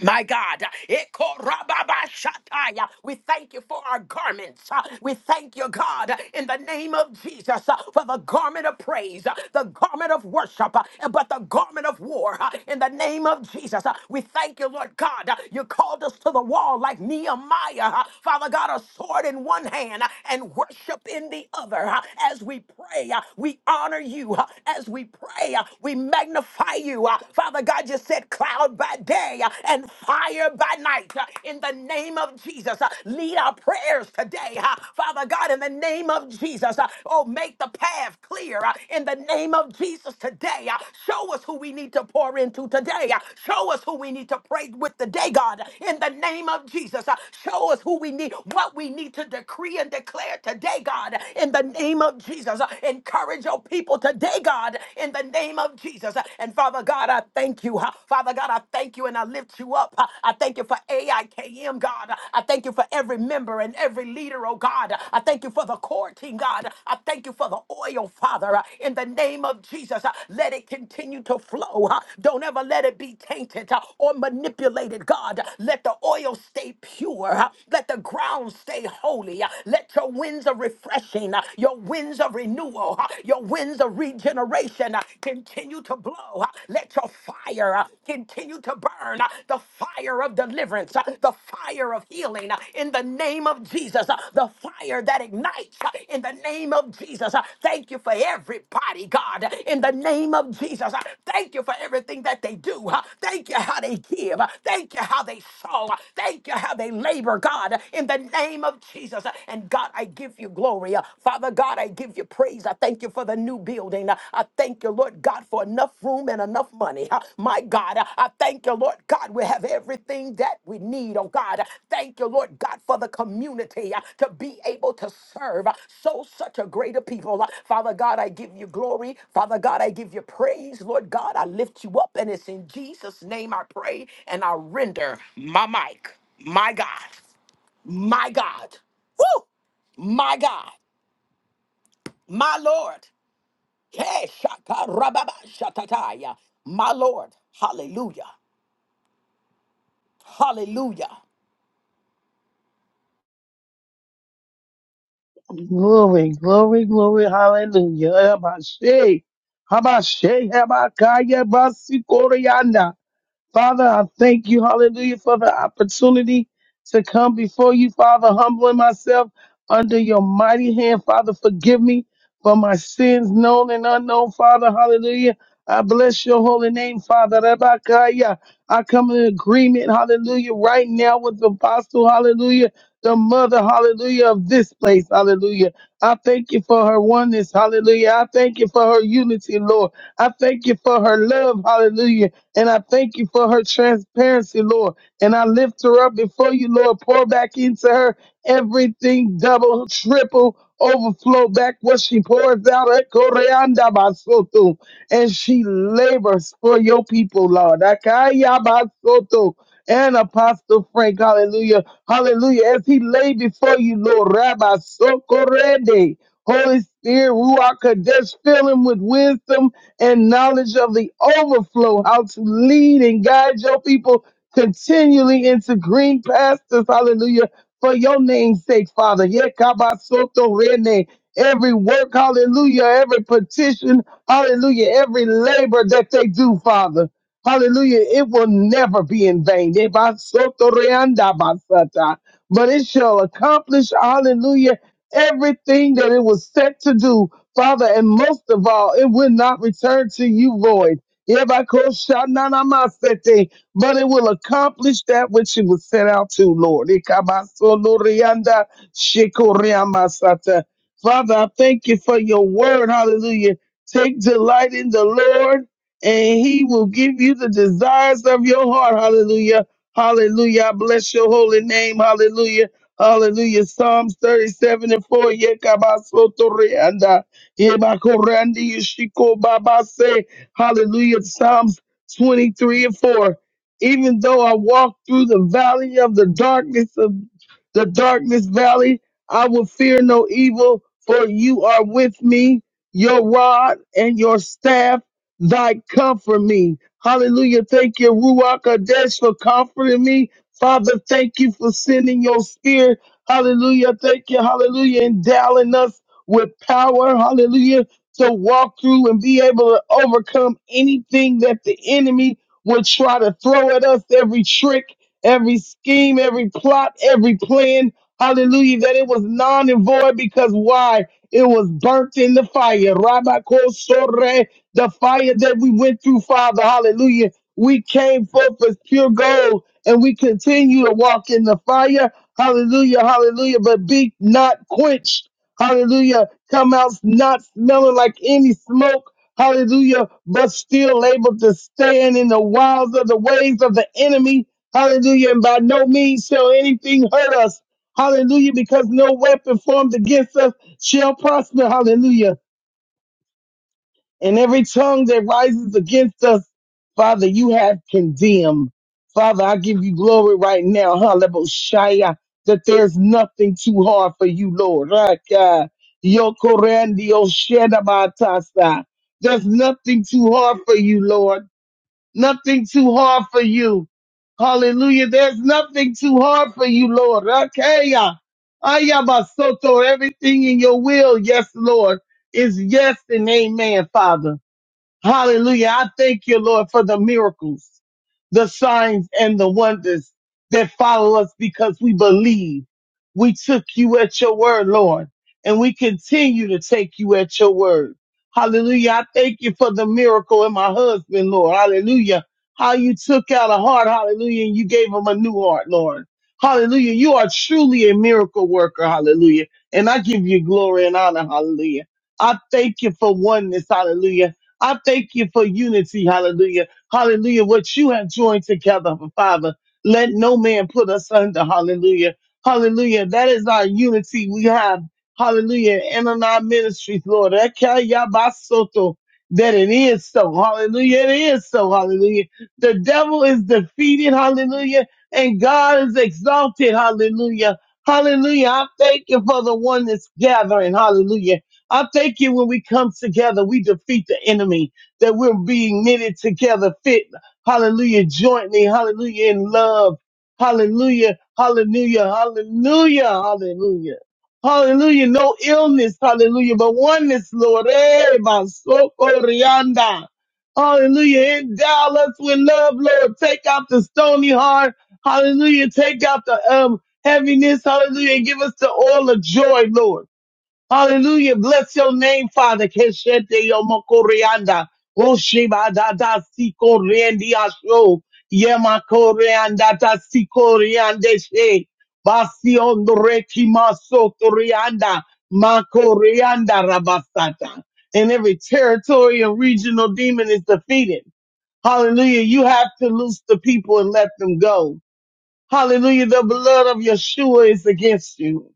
my God, Ekorababashataya. we thank you for our garments. Uh, We thank you, God, uh, in the name of Jesus, uh, for the garment of praise, uh, the garment of worship, uh, but the garment of war. uh, In the name of Jesus, Uh, we thank you, Lord God. uh, You called us to the wall like Nehemiah. uh, Father God, a sword in one hand uh, and worship in the other. uh, As we pray, uh, we honor you. uh, As we pray, uh, we magnify you. uh, Father God, you said cloud by day uh, and fire by night. Uh, In the name of Jesus, uh, lead our prayers today. uh, Father God, in the name of Jesus, uh, oh, make the path clear. uh, In the name of Jesus today, uh, show us who we need to pour into today. uh, Show us who we need to pray with today, God. In the name of Jesus, uh, show us who we need, what we need to decree and declare today, God. In the name of Jesus, uh, encourage your people today, God in the name of Jesus. And Father God, I thank you. Father God, I thank you and I lift you up. I thank you for AIKM, God. I thank you for every member and every leader, oh God. I thank you for the core team, God. I thank you for the oil, Father. In the name of Jesus, let it continue to flow. Don't ever let it be tainted or manipulated, God. Let the oil stay pure. Let the ground stay holy. Let your winds of refreshing, your winds of renewal, uh, your winds of regeneration uh, continue to blow. uh, Let your fire uh, continue to burn, uh, the fire of deliverance, uh, the fire of healing uh, in the name of Jesus, uh, the fire that ignites uh, in the name of Jesus. uh, Thank you for everybody, God, uh, in the name of Jesus. uh, Thank you for everything that they do. uh, Thank you how they give. uh, Thank you how they sow. uh, Thank you how they labor, God, uh, in the name of Jesus. uh, And God, God, I give you glory. Uh, Father God, I give you praise. I thank you for the new building. Uh, I thank you, Lord God, for enough room and enough money. Uh, My God, uh, I thank you, Lord God, we have everything that we need. Oh God, Uh, thank you, Lord God, for the community uh, to be able to serve uh, so such a greater people. Uh, Father God, I give you glory. Father God, I give you praise. Lord God, I lift you up, and it's in Jesus' name I pray and I render my mic. My God. My God. Woo! My God. My Lord. Hey, shaka rababa shatataya. My Lord. Hallelujah. Hallelujah.
Glory, glory, glory, hallelujah. Habashe, habashe, habakaya, basikorianda. Father, I thank you, hallelujah, for the opportunity to come before you, Father, humbling myself under your mighty hand. Father, forgive me for my sins, known and unknown, Father, hallelujah. I bless your holy name, Father. Rabakaya. I come in agreement, hallelujah, right now with the apostle, hallelujah, the mother, hallelujah, of this place, hallelujah. I thank you for her oneness, hallelujah. I thank you for her unity, Lord. I thank you for her love, hallelujah. And I thank you for her transparency, Lord. And I lift her up before you, Lord. Pour back into her everything double, triple, overflow back what she pours out. Eh, koreanda basoto. And she labors for your people, Lord. Akaya basoto. And Apostle Frank, hallelujah, hallelujah. As he lay before you, Lord, Rabbi Sokorende, Holy Spirit, Ruach Kadesh, fill him with wisdom and knowledge of the overflow, how to lead and guide your people continually into green pastures. Hallelujah. For your name's sake, Father. Yekabasoto rene. Every work, hallelujah, every petition, hallelujah, every labor that they do, Father. Hallelujah, it will never be in vain. Ebasoto reanda basata. But it shall accomplish, hallelujah, everything that it was set to do Father, and most of all, it will not return to you void. Yebakoshananamasete, But it will accomplish that which it was sent out to, Lord. Ikabasolorianda shikoriamasata. Father, I thank you for your word. Hallelujah. Take delight in the Lord, and he will give you the desires of your heart. Hallelujah. Hallelujah. I bless your holy name. Hallelujah. Hallelujah. Psalms 37 and 4. Yekabasotorianda. Ibakorandi Ishiko Baba say, Hallelujah. Psalms 23 and 4. Even though I walk through the valley of the darkness of the darkness valley, I will fear no evil, for you are with me, your rod and your staff, thy comfort me. Hallelujah. Thank you, Ruach Kadesh, for comforting me. Father, thank you for sending your spirit. Hallelujah. Thank you. Hallelujah. Endowing us with power, hallelujah, to walk through and be able to overcome anything that the enemy would try to throw at us, every trick, every scheme, every plot, every plan, hallelujah, that it was non and void because why? It was burnt in the fire. Rabakosore, the fire that we went through, Father, hallelujah. We came forth as pure gold and we continue to walk in the fire. Hallelujah, hallelujah. But be not quenched Hallelujah. Come out not smelling like any smoke. Hallelujah. But still able to stand in the wiles of the ways of the enemy. Hallelujah. And by no means shall anything hurt us. Hallelujah. Because no weapon formed against us shall prosper. Hallelujah. And every tongue that rises against us, Father, you have condemned. Father, I give you glory right now, Hallelujah, that there's nothing too hard for you, Lord. Raka, yokorandi, oshedabatasa. There's nothing too hard for you, Lord. Nothing too hard for you. Hallelujah. There's nothing too hard for you, Lord. Rakaya, ayabasoto. Everything in your will, yes, Lord, is yes and amen, Father. Hallelujah. I thank you, Lord, for the miracles, the signs and the wonders that follow us because we believe. We took you at your word, Lord, and we continue to take you at your word. Hallelujah. I thank you for the miracle in my husband, Lord. Hallelujah. How you took out a heart. Hallelujah. And you gave him a new heart, Lord. Hallelujah. You are truly a miracle worker. Hallelujah. And I give you glory and honor. Hallelujah. I thank you for oneness. Hallelujah I thank you for unity. Hallelujah. Hallelujah. What you have joined together, Father, let no man put us under. Hallelujah. Hallelujah. That is our unity we have. Hallelujah. And in our ministries, Lord. Ekayabasoto. That it is so. Hallelujah. It is so. Hallelujah. The devil is defeated. Hallelujah. And God is exalted. Hallelujah. Hallelujah. I thank you for the one that's gathering. Hallelujah I thank you when we come together, we defeat the enemy, that we're being knitted together, fit, hallelujah, jointly, hallelujah, in love, hallelujah, hallelujah, hallelujah, hallelujah. Hallelujah, no illness, hallelujah, but oneness, Lord. Eh, basoko rianda. Hallelujah, endow us with love, Lord. Take out the stony heart, hallelujah, take out the um heaviness, hallelujah, and give us the oil of joy, Lord. Hallelujah. Bless your name, Father. Keshete yomokorianda. Oshibadada sikoriendi asho. Yemakorianda ta sikoriande she. Basiondo rekimaso torianda. Makorianda rabasata. And every territory and regional demon is defeated. Hallelujah. You have to loose the people and let them go. Hallelujah. The blood of Yeshua is against you.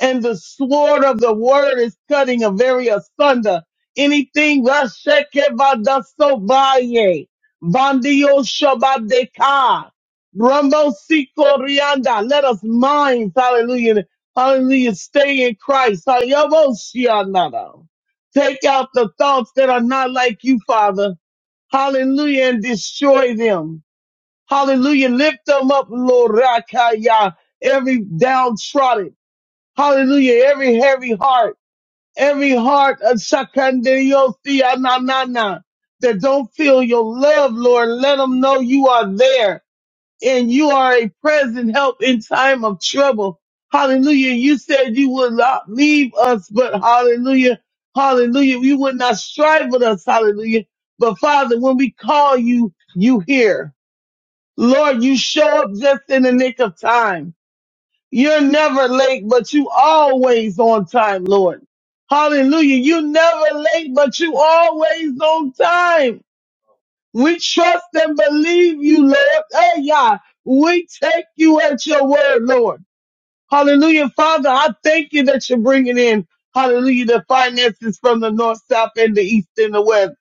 And the sword of the word is cutting a very asunder. Anything Vashekevadasobaye, Vandio Shabadeka, Rambo Sikorianda. Let us mind, hallelujah, hallelujah, stay in Christ. Hayaboshianada. Take out the thoughts that are not like you, Father. Hallelujah, and destroy them. Hallelujah. Lift them up, Lord Rakaya. Every downtrodden. Hallelujah. Every heavy heart. Every heart of Sakandariothia that don't feel your love, Lord. Let them know you are there and you are a present help in time of trouble. Hallelujah. You said you would not leave us, but hallelujah. Hallelujah. You would not strive with us. Hallelujah. But Father, when we call you, you hear. Lord, you show up just in the nick of time. You're never late, but you always on time, Lord. Hallelujah. You never late, but you always on time. We trust and believe you, Lord. Hey, yeah. We take you at your word, Lord. Hallelujah. Father, I thank you that you're bringing in, hallelujah, the finances from the north, south, and the east and the west.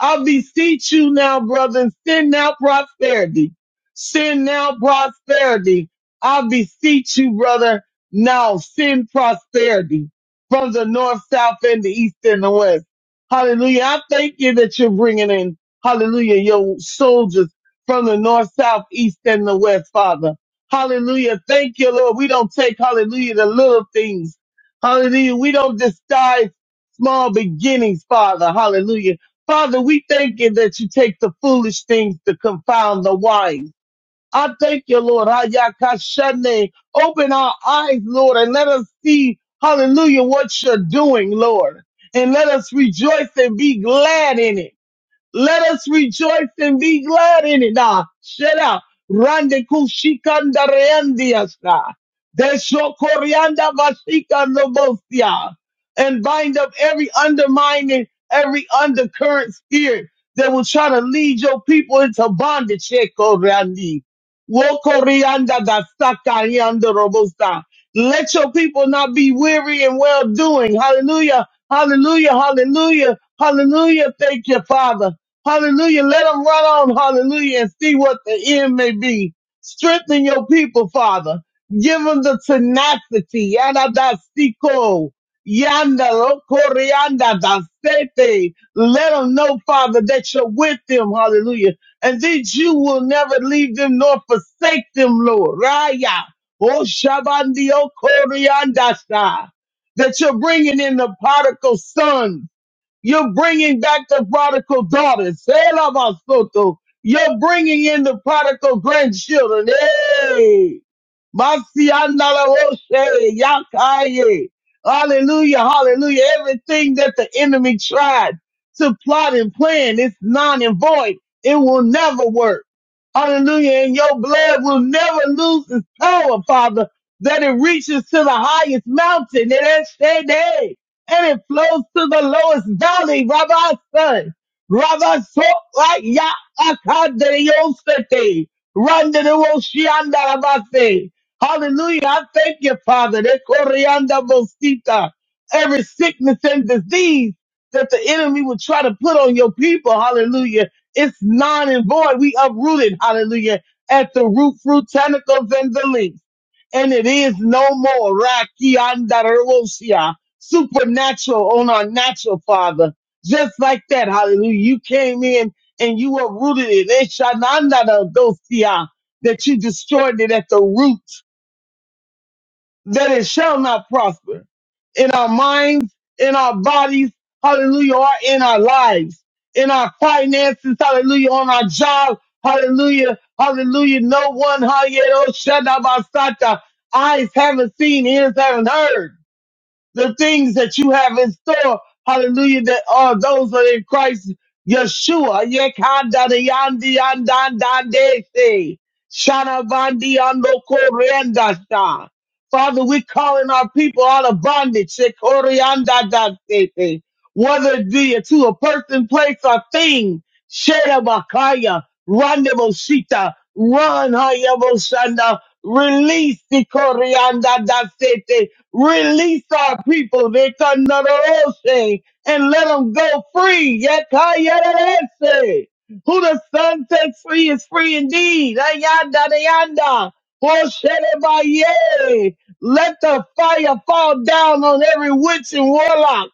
I beseech you now, brethren, send now prosperity. Send now prosperity. I beseech you, brother, now send prosperity from the north, south, and the east and the west. Hallelujah. I thank you that you're bringing in, hallelujah, your soldiers from the north, south, east, and the west, Father. Hallelujah. Thank you, Lord. We don't take, hallelujah, the little things. Hallelujah. We don't despise small beginnings, Father. Hallelujah. Father, we thank you that you take the foolish things to confound the wise. I thank you, Lord. Hayakashane. Open our eyes, Lord, and let us see, hallelujah, what you're doing, Lord. And let us rejoice and be glad in it. Let us rejoice and be glad in it. Nah, shut up. Rande kushikanda reandiasa. Desho korianda vashika lobosia. And bind up every undermining, every undercurrent spirit that will try to lead your people into bondage. Sheko reandi. Woko reanda dasaka yanda robosa. Let your people not be weary and well doing. Hallelujah. Hallelujah. Hallelujah. Hallelujah. Thank you, Father. Hallelujah. Let them run on. Hallelujah. And see what the end may be. Strengthen your people, Father. Give them the tenacity. Yada da siko. Yanda lo corianda da sete. Let them know, Father, that you're with them. Hallelujah. And that you will never leave them nor forsake them, Lord. Raya. Oh, Shabandio Corianda. That you're bringing in the particle sons. You're bringing back the prodigal daughters. Sela Masoto. You're bringing in the prodigal grandchildren. Hey! Masiandalawoshe, Yakaye. Hallelujah, hallelujah. Everything that the enemy tried to plot and plan, it's non and void. It will never work. Hallelujah. And your blood will never lose its power, Father, that it reaches to the highest mountain. It ain't stay there and it flows to the lowest valley, Rabbi Son. Rabbi Sokra Ya Akadriosete. Randa de Roshianda Rabate. Hallelujah. I thank you, Father. De Corianda Bosita. Every sickness and disease that the enemy would try to put on your people, hallelujah, it's non and void. We uprooted, hallelujah, at the root, fruit, tentacles, and the leaves. And it is no more. Rakianda supernatural on our natural father. Just like that. Hallelujah. You came in and you were rooted in it. Shanandadosia, That you destroyed it at the root, that it shall not prosper in our minds, in our bodies. Hallelujah. Or in our lives, in our finances. Hallelujah. On our job. Hallelujah. Hallelujah. No one. Hallelujah. oh, Eyes haven't seen, ears haven't heard the things that you have in store. Hallelujah. That are those that are in Christ Yeshua. Yekanda de yandi yandan dande se. Shana vandi ando korenda sha. Father, we're calling our people out of bondage. Se koreanda da se se. Whether it be to a person, place, or thing. Shera bakaya. Rande boshita. Run hayabo shanda. Release the koreanda da se. Release our people, Vekandarose, and let them go free. Yakayarese. Who the sun sets free is free indeed. Ayanda dayanda. Hosherebaye. Let the fire fall down on every witch and warlock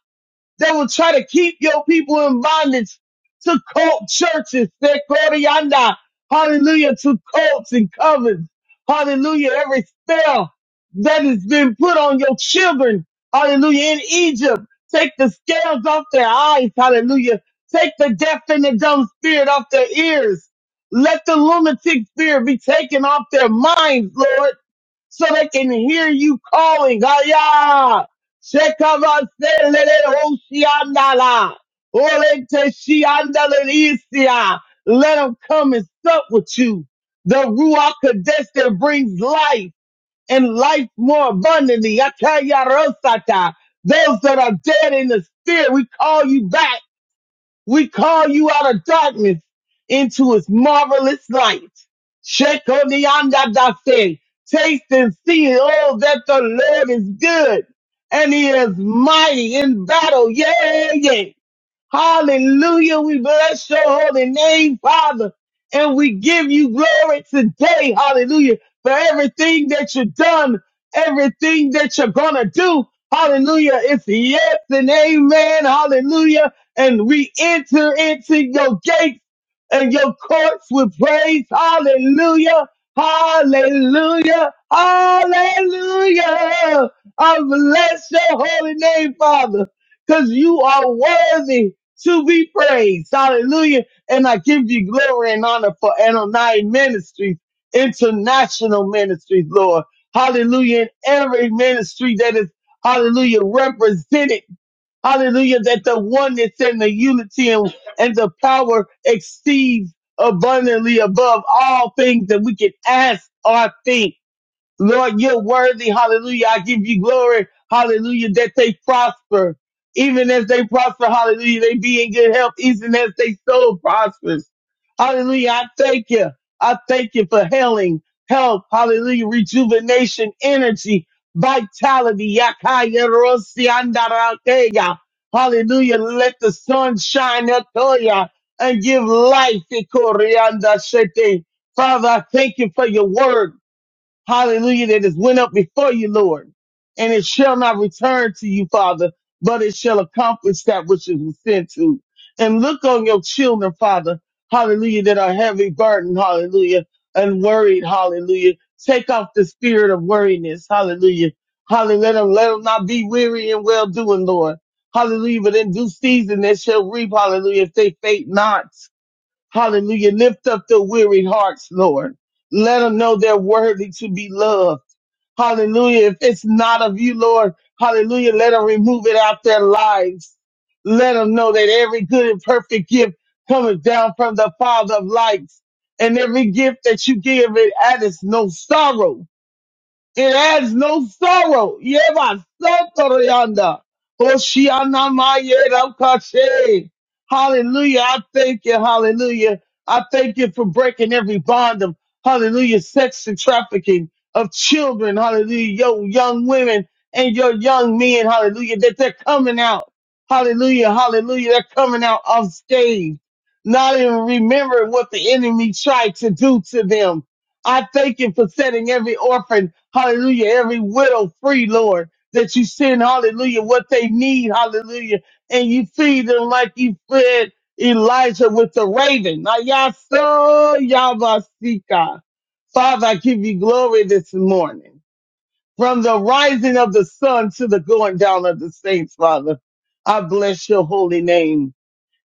that will try to keep your people in bondage to cult churches, their glorianda, hallelujah, to cults and covens, hallelujah, every spell that has been put on your children, hallelujah, in Egypt. Take the scales off their eyes, hallelujah. Take the deaf and the dumb spirit off their ears. Let the lunatic spirit be taken off their minds, Lord so they can hear you calling. Aya! Shekabaseleleoshiandala. Oleteshiandaleisia. Let them come and sup with you. The Ruach Kadesh that brings life and life more abundantly. Yakayarosata. Those that are dead in the spirit, we call you back. We call you out of darkness into his marvelous light. Shekoniandadase. Taste and see, oh, that the Lord is good and he is mighty in battle. Yeah, yeah. Hallelujah. We bless your holy name, Father. And we give you glory today. Hallelujah. For everything that you've done, everything that you're going to do. Hallelujah. It's yes and amen. Hallelujah. And we enter into your gates and your courts with praise. Hallelujah. Hallelujah. Hallelujah. I bless your holy name, Father because you are worthy to be praised. Hallelujah. And I give you glory and honor for Anonai Ministries, International Ministries, Lord. Hallelujah. And every ministry that is, hallelujah, represented. Hallelujah. That the oneness and the unity and, and the power exceeds abundantly above all things that we can ask or think. Lord, you're worthy. Hallelujah. I give you glory. Hallelujah. That they prosper. Even as they prosper, hallelujah, they be in good health, even as they soul prospers. Hallelujah. I thank you. I thank you for healing, health, hallelujah, rejuvenation, energy, vitality. Yakaya rosi andarakeya. Hallelujah. Let the sun shine up on ya and give life. Ikorianda shete. Father, I thank you for your word. Hallelujah. That has went up before you, Lord. And it shall not return to you, Father, but it shall accomplish that which it was sent to. And look on your children, Father. Hallelujah. That are heavy burdened. Hallelujah. And worried. Hallelujah. Take off the spirit of worriness. Hallelujah. Hallelujah. Let them, let them not be weary and well doing, Lord. Hallelujah. But in due season, they shall reap. Hallelujah. If they faint not. Hallelujah. Lift up the weary hearts, Lord. Let them know they're worthy to be loved. Hallelujah. If it's not of you, Lord, hallelujah, let them remove it out their lives. Let them know that every good and perfect gift cometh down from the Father of lights. And every gift that you give, it addeth no sorrow. It has no sorrow. Yeva Sotoroyanda. Hoshiana Mayera Kache. Hallelujah. I thank you. Hallelujah. I thank you for breaking every bond of hallelujah, sex and trafficking of children. Hallelujah. Your young women and your young men. Hallelujah. That they're coming out. Hallelujah. Hallelujah. They're coming out unscathed. Not even remembering what the enemy tried to do to them. I thank you for setting every orphan, hallelujah, every widow free, Lord, that you send, hallelujah, what they need, hallelujah, and you feed them like you fed Elijah with the raven. Ayasa Yabasika. Father, I give you glory this morning. From the rising of the sun to the going down of the saints, Father, I bless your holy name.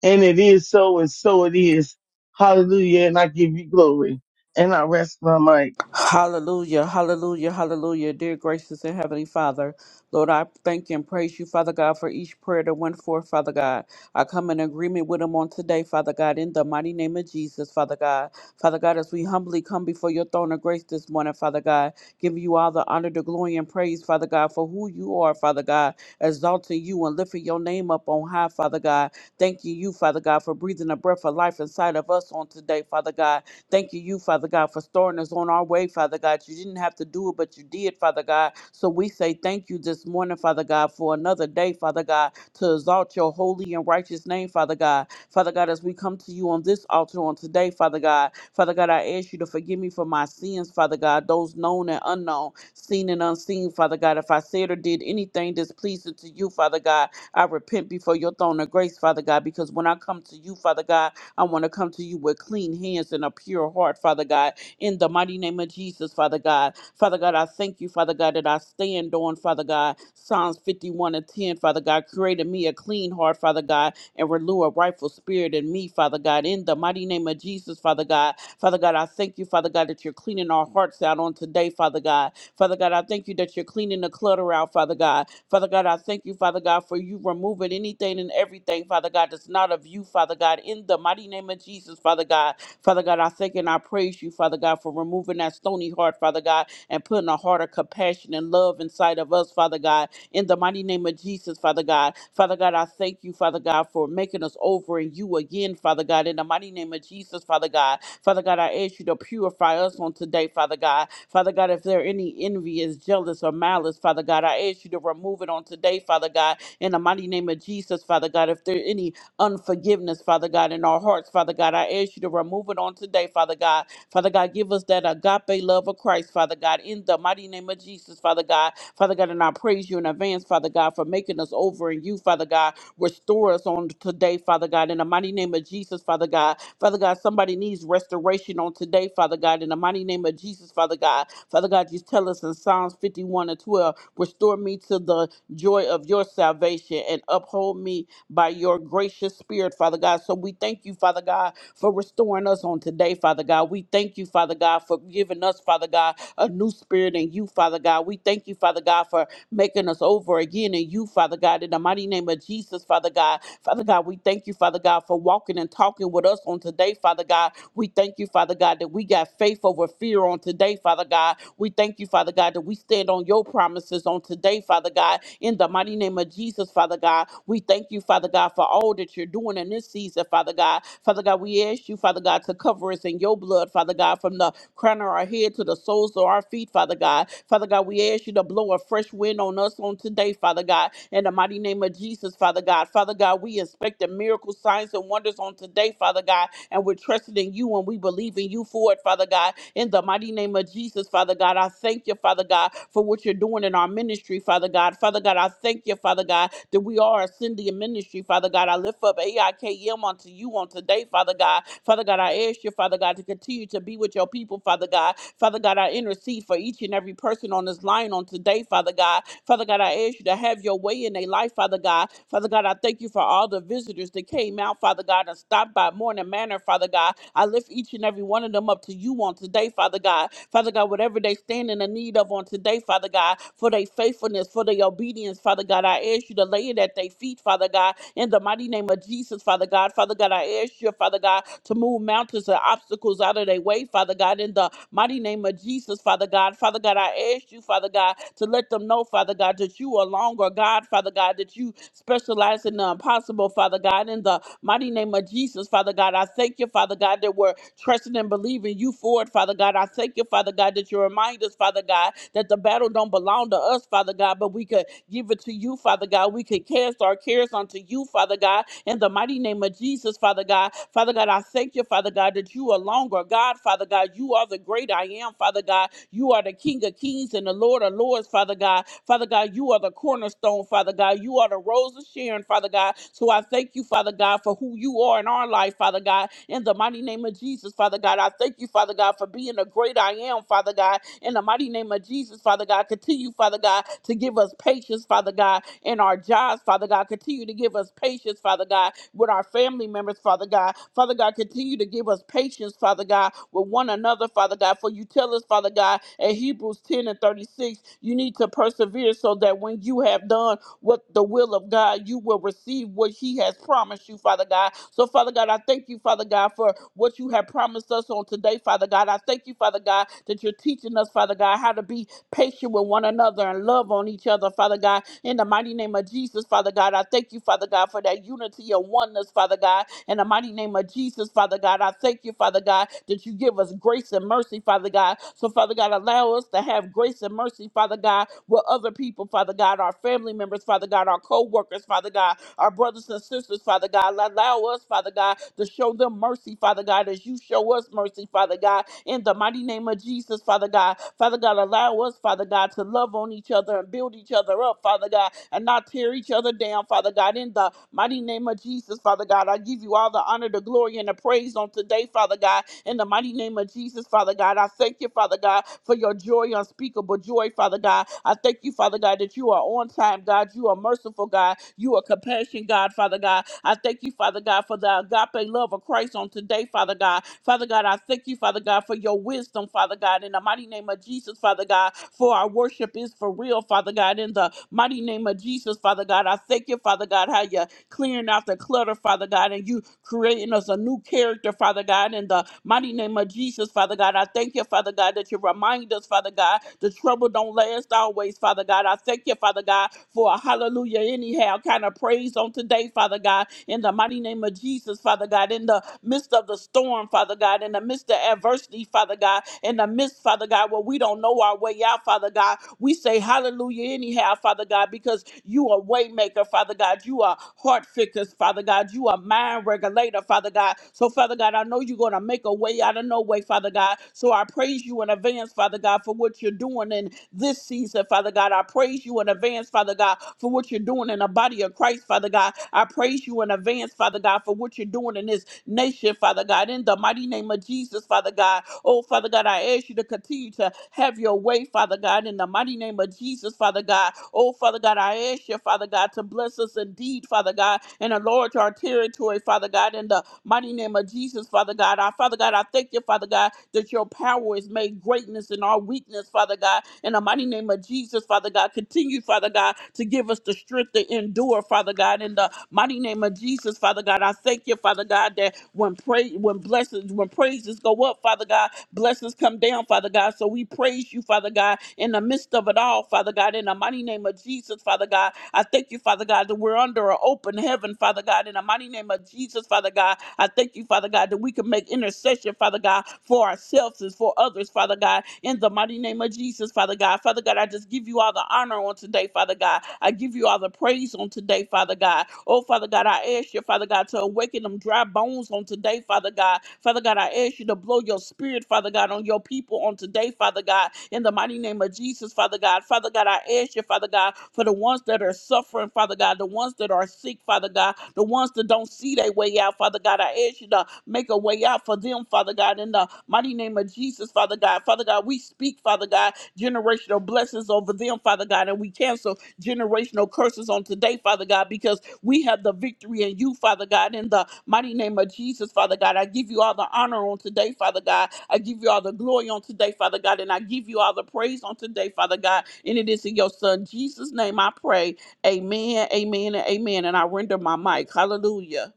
And it is so, and so it is. Hallelujah. And I give you glory. And I rest my mic.
Hallelujah, hallelujah, hallelujah. Dear gracious and heavenly Father, Lord, I thank and praise you, Father God, for each prayer that went forth, Father God. I come in agreement with them on today, Father God, in the mighty name of Jesus, Father God. Father God, as we humbly come before your throne of grace this morning, Father God, giving you all the honor, the glory, and praise, Father God, for who you are, Father God, exalting you and lifting your name up on high, Father God. Thanking you, Father God, for breathing a breath of life inside of us on today, Father God Thank you, you, Father God, for storing us on our way, Father God. You didn't have to do it, but you did, Father God. So we say thank you this morning, Father God, for another day, Father God, to exalt your holy and righteous name, Father God. Father God, as we come to you on this altar on today, Father God, Father God, I ask you to forgive me for my sins, Father God, those known and unknown, seen and unseen, Father God. If I said or did anything displeasing to you, Father God, I repent before your throne of grace, Father God, because when I come to you, Father God, I want to come to you with clean hands and a pure heart, Father God, in the mighty name of Jesus, Father God. Father God, I thank you, Father God, that I stand on, Father God, Psalms 51 and 10, Father God, created me a clean heart, Father God, and renew a rightful spirit in me, Father God, in the mighty name of Jesus, Father God. Father God, I thank you, Father God, that you're cleaning our hearts out on today, Father God. Father God, I thank you that you're cleaning the clutter out, Father God. Father God, I thank you, Father God, for you removing anything and everything, Father God, that's not of you, Father God, in the mighty name of Jesus, Father God. Father God, I thank and I praise you, Father God, for removing that stony heart, Father God, and putting a heart of compassion and love inside of us, Father God in the mighty name of Jesus, Father God. Father God, I thank you, Father God, for making us over in you again, Father God, in the mighty name of Jesus, Father God. Father God, I ask you to purify us on today, Father God. Father God, if there are any envy, is jealous or malice, Father God, I ask you to remove it on today, Father God, in the mighty name of Jesus, Father God. If there are any unforgiveness, Father God, in our hearts, Father God, I ask you to remove it on today, Father God, Father God, give us that agape love of Christ, Father God, in the mighty name of Jesus, Father God. Father God, and I praise you in advance, Father God, for making us over in you, Father God. Restore us on today, Father God, in the mighty name of Jesus, Father God. Father God, somebody needs restoration on today, Father God, in the mighty name of Jesus, Father God. Father God, you tell us in Psalms 51 and 12, restore me to the joy of your salvation and uphold me by your gracious spirit, Father God. So we thank you, Father God, for restoring us on today, Father God. We thank you, Father God, for giving us, Father God, a new spirit in you, Father God. We thank you, Father God, for making us over again in you, Father God. In the mighty name of Jesus, Father God. Father God, we thank you, Father God, for walking and talking with us on today, Father God. We thank you, Father God, that we got faith over fear on today, Father God. We thank you, Father God, that we stand on your promises on today, Father God, in the mighty name of Jesus, Father God. We thank you, Father God, for all that you're doing in this season, Father God. Father God, we ask you, Father God, to cover us in your blood, Father God, from the crown of our head to the soles of our feet, Father God. Father God, we ask you to blow a fresh wind on us on today, Father God, in the mighty name of Jesus, Father God. Father God, we inspect the miracle signs and wonders on today, Father God, and we're trusting in you and we believe in you for it, Father God. In the mighty name of Jesus, Father God, I thank you, Father God, for what you're doing in our ministry, Father God. Father God, I thank you, Father God, that we are ascending ministry, Father God. I lift up AIKM unto you on today, Father God. Father God, I ask you, Father God, to continue to be with your people, Father God. Father God, I intercede for each and every person person on this line on today, Father God. Father God, I ask you to have your way in their life, Father God. Father God, I thank you for all the visitors that came out, Father God, and stopped by Morning Manor, Father God. I lift each and every one of them up to you on today, Father God. Father God, whatever they stand in the need of on today, Father God, for their faithfulness, for their obedience, Father God, I ask you to lay it at their feet, Father God, in the mighty name of Jesus, Father God. Father God, I ask you, Father God, to move mountains and obstacles out of their way, Father God, in the Mighty name of Jesus, Father God. Father God, I ask you, Father God, to let them know, Father God, that you are longer, God, Father God, that you specialize in the impossible, Father God. In the mighty name of Jesus, Father God, I thank you, Father God, that we're trusting and believing you for it, Father God. I thank you, Father God, that you remind us, Father God, that the battle don't belong to us, Father God, but we could give it to you, Father God. We could cast our cares unto you, Father God, in the mighty name of Jesus, Father God. Father God, I thank you, Father God, that you are longer. God, Father God, you are the great I am, Father God. You are the King of kings and the Lord of lords, Father God. Father God, you are the cornerstone, Father God. You are the rose of Sharon, Father God. So I thank you, Father God, for who you are in our life, Father God. In the mighty name of Jesus, Father God, I thank you, Father God, for being the great I am, Father God. In the mighty name of Jesus, Father God, continue, Father God, to give us patience, Father God in our jobs, Father God. Continue to give us patience, Father God, with our family members, Father God. Father God, continue to give us patience, Father God, with one another, Father God. For you tell us, Father God, in Hebrews 10 and 36, you need to persevere so that when you have done what the will of God, you will receive what He has promised you, Father God. So, Father God, I thank you, Father God, for what you have promised us on today, Father God. I thank you, Father God, that you're teaching us, Father God, how to be patient with one another and love on each other, Father God. In the mighty name of Jesus, Father God, I thank you, Father God, for that unity and oneness, Father God. In the mighty name of Jesus, Father God, I thank you, Father God, that you give us grace and mercy, Father God. So, Father God, allow us to have grace and mercy, Father God, with other people, Father God, our family members, Father God, our co workers, Father God, our brothers and sisters, Father God. Allow us, Father God, to show them mercy, Father God, as you show us mercy, Father God, in the mighty name of Jesus, Father God. Father God, allow us, Father God, to love on each other and build each other up, Father God, and not tear each other down, Father God, in the mighty name of Jesus, Father God. I give you all the honor, the glory, and the praise on today, Father God, in the mighty name of Jesus, Father God. I thank you, you, Father God, for your joy, unspeakable joy, Father God. I thank you, Father God, that you are on time, God. You are merciful, God. You are compassion, God, Father God. I thank you, Father God, for the agape love of Christ on today, Father God. Father God, I thank you, Father God, for your wisdom, Father God, in the mighty name of Jesus, Father God, for our worship is for real, Father God, in the mighty name of Jesus, Father God. I thank you, Father God, how you clearing out the clutter, Father God, and you creating us a new character, Father God, in the mighty name of Jesus, Father God. I thank you, Father God, that you remind us, Father God, the trouble don't last always, Father God. I thank you, Father God, for a hallelujah, anyhow, kind of praise on today, Father God, in the mighty name of Jesus, Father God, in the midst of the storm, Father God, in the midst of adversity, Father God, in the midst, Father God, where we don't know our way out, Father God. We say hallelujah anyhow, Father God, because you are waymaker, Father God. You are heart fixers, Father God. You are mind regulator, Father God. So, Father God, I know you're going to make a way out of no way, Father God. So I praise you in advance, Father God, for what you're doing in this season, Father God. I praise you in advance, Father God, for what you're doing in the body of Christ, Father God. I praise you in advance, Father God, for what you're doing in this nation, Father God. In the mighty name of Jesus, Father God, Oh, Father God, I ask you to continue to have your way, Father God, in the mighty name of Jesus, Father God. Oh, Father God, I ask you, Father God, to bless us indeed, Father God, and enlarge our territory, Father God, in the mighty name of Jesus, Father God. Our Father God, I thank you, Father God, that your power is made greatness in our weakness, Father God. In the mighty name of Jesus, Father God, continue, Father God, to give us the strength to endure, Father God. In the mighty name of Jesus, Father God, I thank you, Father God, that when pray when blessings, when praises go up, Father God. Blessings come down, Father God. So we praise you, Father God, in the midst of it all, Father God, in the mighty name of Jesus, Father God. I thank you, Father God, that we're under an open heaven, Father God, in the mighty name of Jesus, Father God. I thank you, Father God, that we can make intercession, Father God, for ourselves and for others, Father God, in the mighty name of Jesus, Father God. Father God, I just give you all the honor on today, Father God. I give you all the praise on today, Father God. Oh, Father God, I I ask you, Father God, to awaken them dry bones on today, Father God. Father God, I ask you to blow your spirit, Father God, on your people on today, Father God, in the mighty name of Jesus, Father God. Father God, I ask you, Father God, for the ones that are suffering, Father God, the ones that are sick, Father God, the ones that don't see their way out, Father God. I ask you to make a way out for them, Father God, in the mighty name of Jesus, Father God. Father God, we speak, Father God, generational blessings over them, Father God, and we cancel generational curses on today, Father God, because we have the victory in you, Father God, in the mighty name of Jesus, Father God. I give you all the honor on today, Father God. I give you all the glory on today, Father God, and I give you all the praise on today, Father God. And it is in your Son, Jesus' name, I pray. Amen, amen, and amen. And I render my mic. Hallelujah.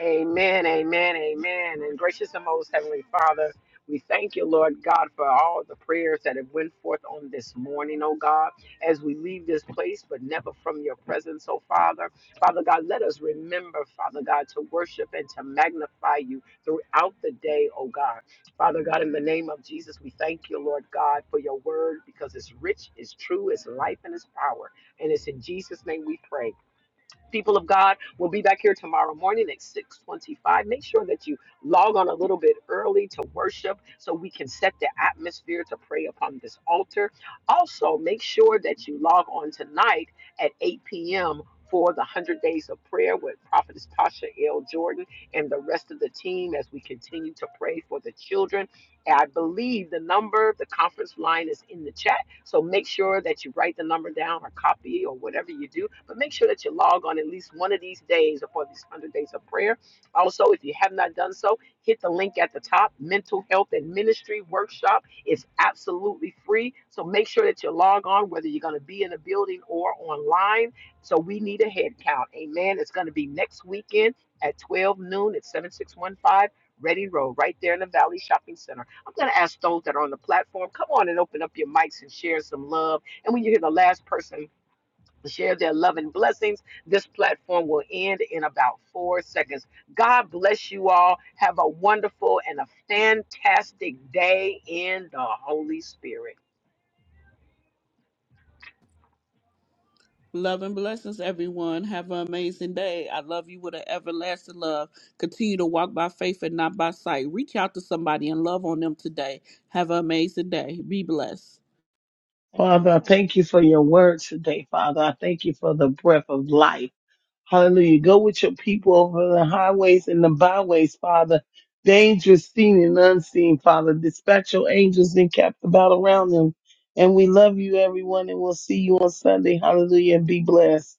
Amen, amen, amen. And gracious and most heavenly Father, we thank you, Lord God, for all the prayers that have went forth on this morning, oh God, as we leave this place, but never from your presence, oh Father. Father God, let us remember, Father God, to worship and to magnify you throughout the day, oh God. Father God, in the name of Jesus, we thank you, Lord God, for your word because it's rich, it's true, it's life, and it's power. And it's in Jesus' name we pray. People of God, we'll be back here tomorrow morning at 625. Make sure that you log on a little bit early to worship so we can set the atmosphere to pray upon this altar. Also, make sure that you log on tonight at 8 p.m. for the 100 Days of Prayer with Prophetess Pasha L. Jordan and the rest of the team as we continue to pray for the children. And I believe the number, the conference line is in the chat so make sure that you write the number down or copy or whatever you do, but make sure that you log on at least one of these days or for these 100 days of prayer. Also, if you have not done so, hit the link at the top Mental Health and Ministry Workshop. It's absolutely free. So make sure that you log on, whether you're going to be in a building or online. So we need a head count. Amen. It's going to be next weekend at 12 noon at 7615 Ready Road, right there in the Valley Shopping Center. I'm going to ask those that are on the platform, come on and open up your mics and share some love. And when you hear the last person share their love and blessings, this platform will end in about four seconds. God bless you all. Have a wonderful and a fantastic day in the Holy Spirit.
Love and blessings, everyone. Have an amazing day. I love you with an everlasting love. Continue to walk by faith and not by sight. Reach out to somebody and love on them today. Have an amazing day. Be blessed.
Father, I thank you for your word today, Father. I thank you for the breath of life. Hallelujah. Go with your people over the highways and the byways, Father. Dangerous seen and unseen, Father. Dispatch your angels and cap the battle around them. And we love you, everyone, and we'll see you on Sunday. Hallelujah. And be blessed.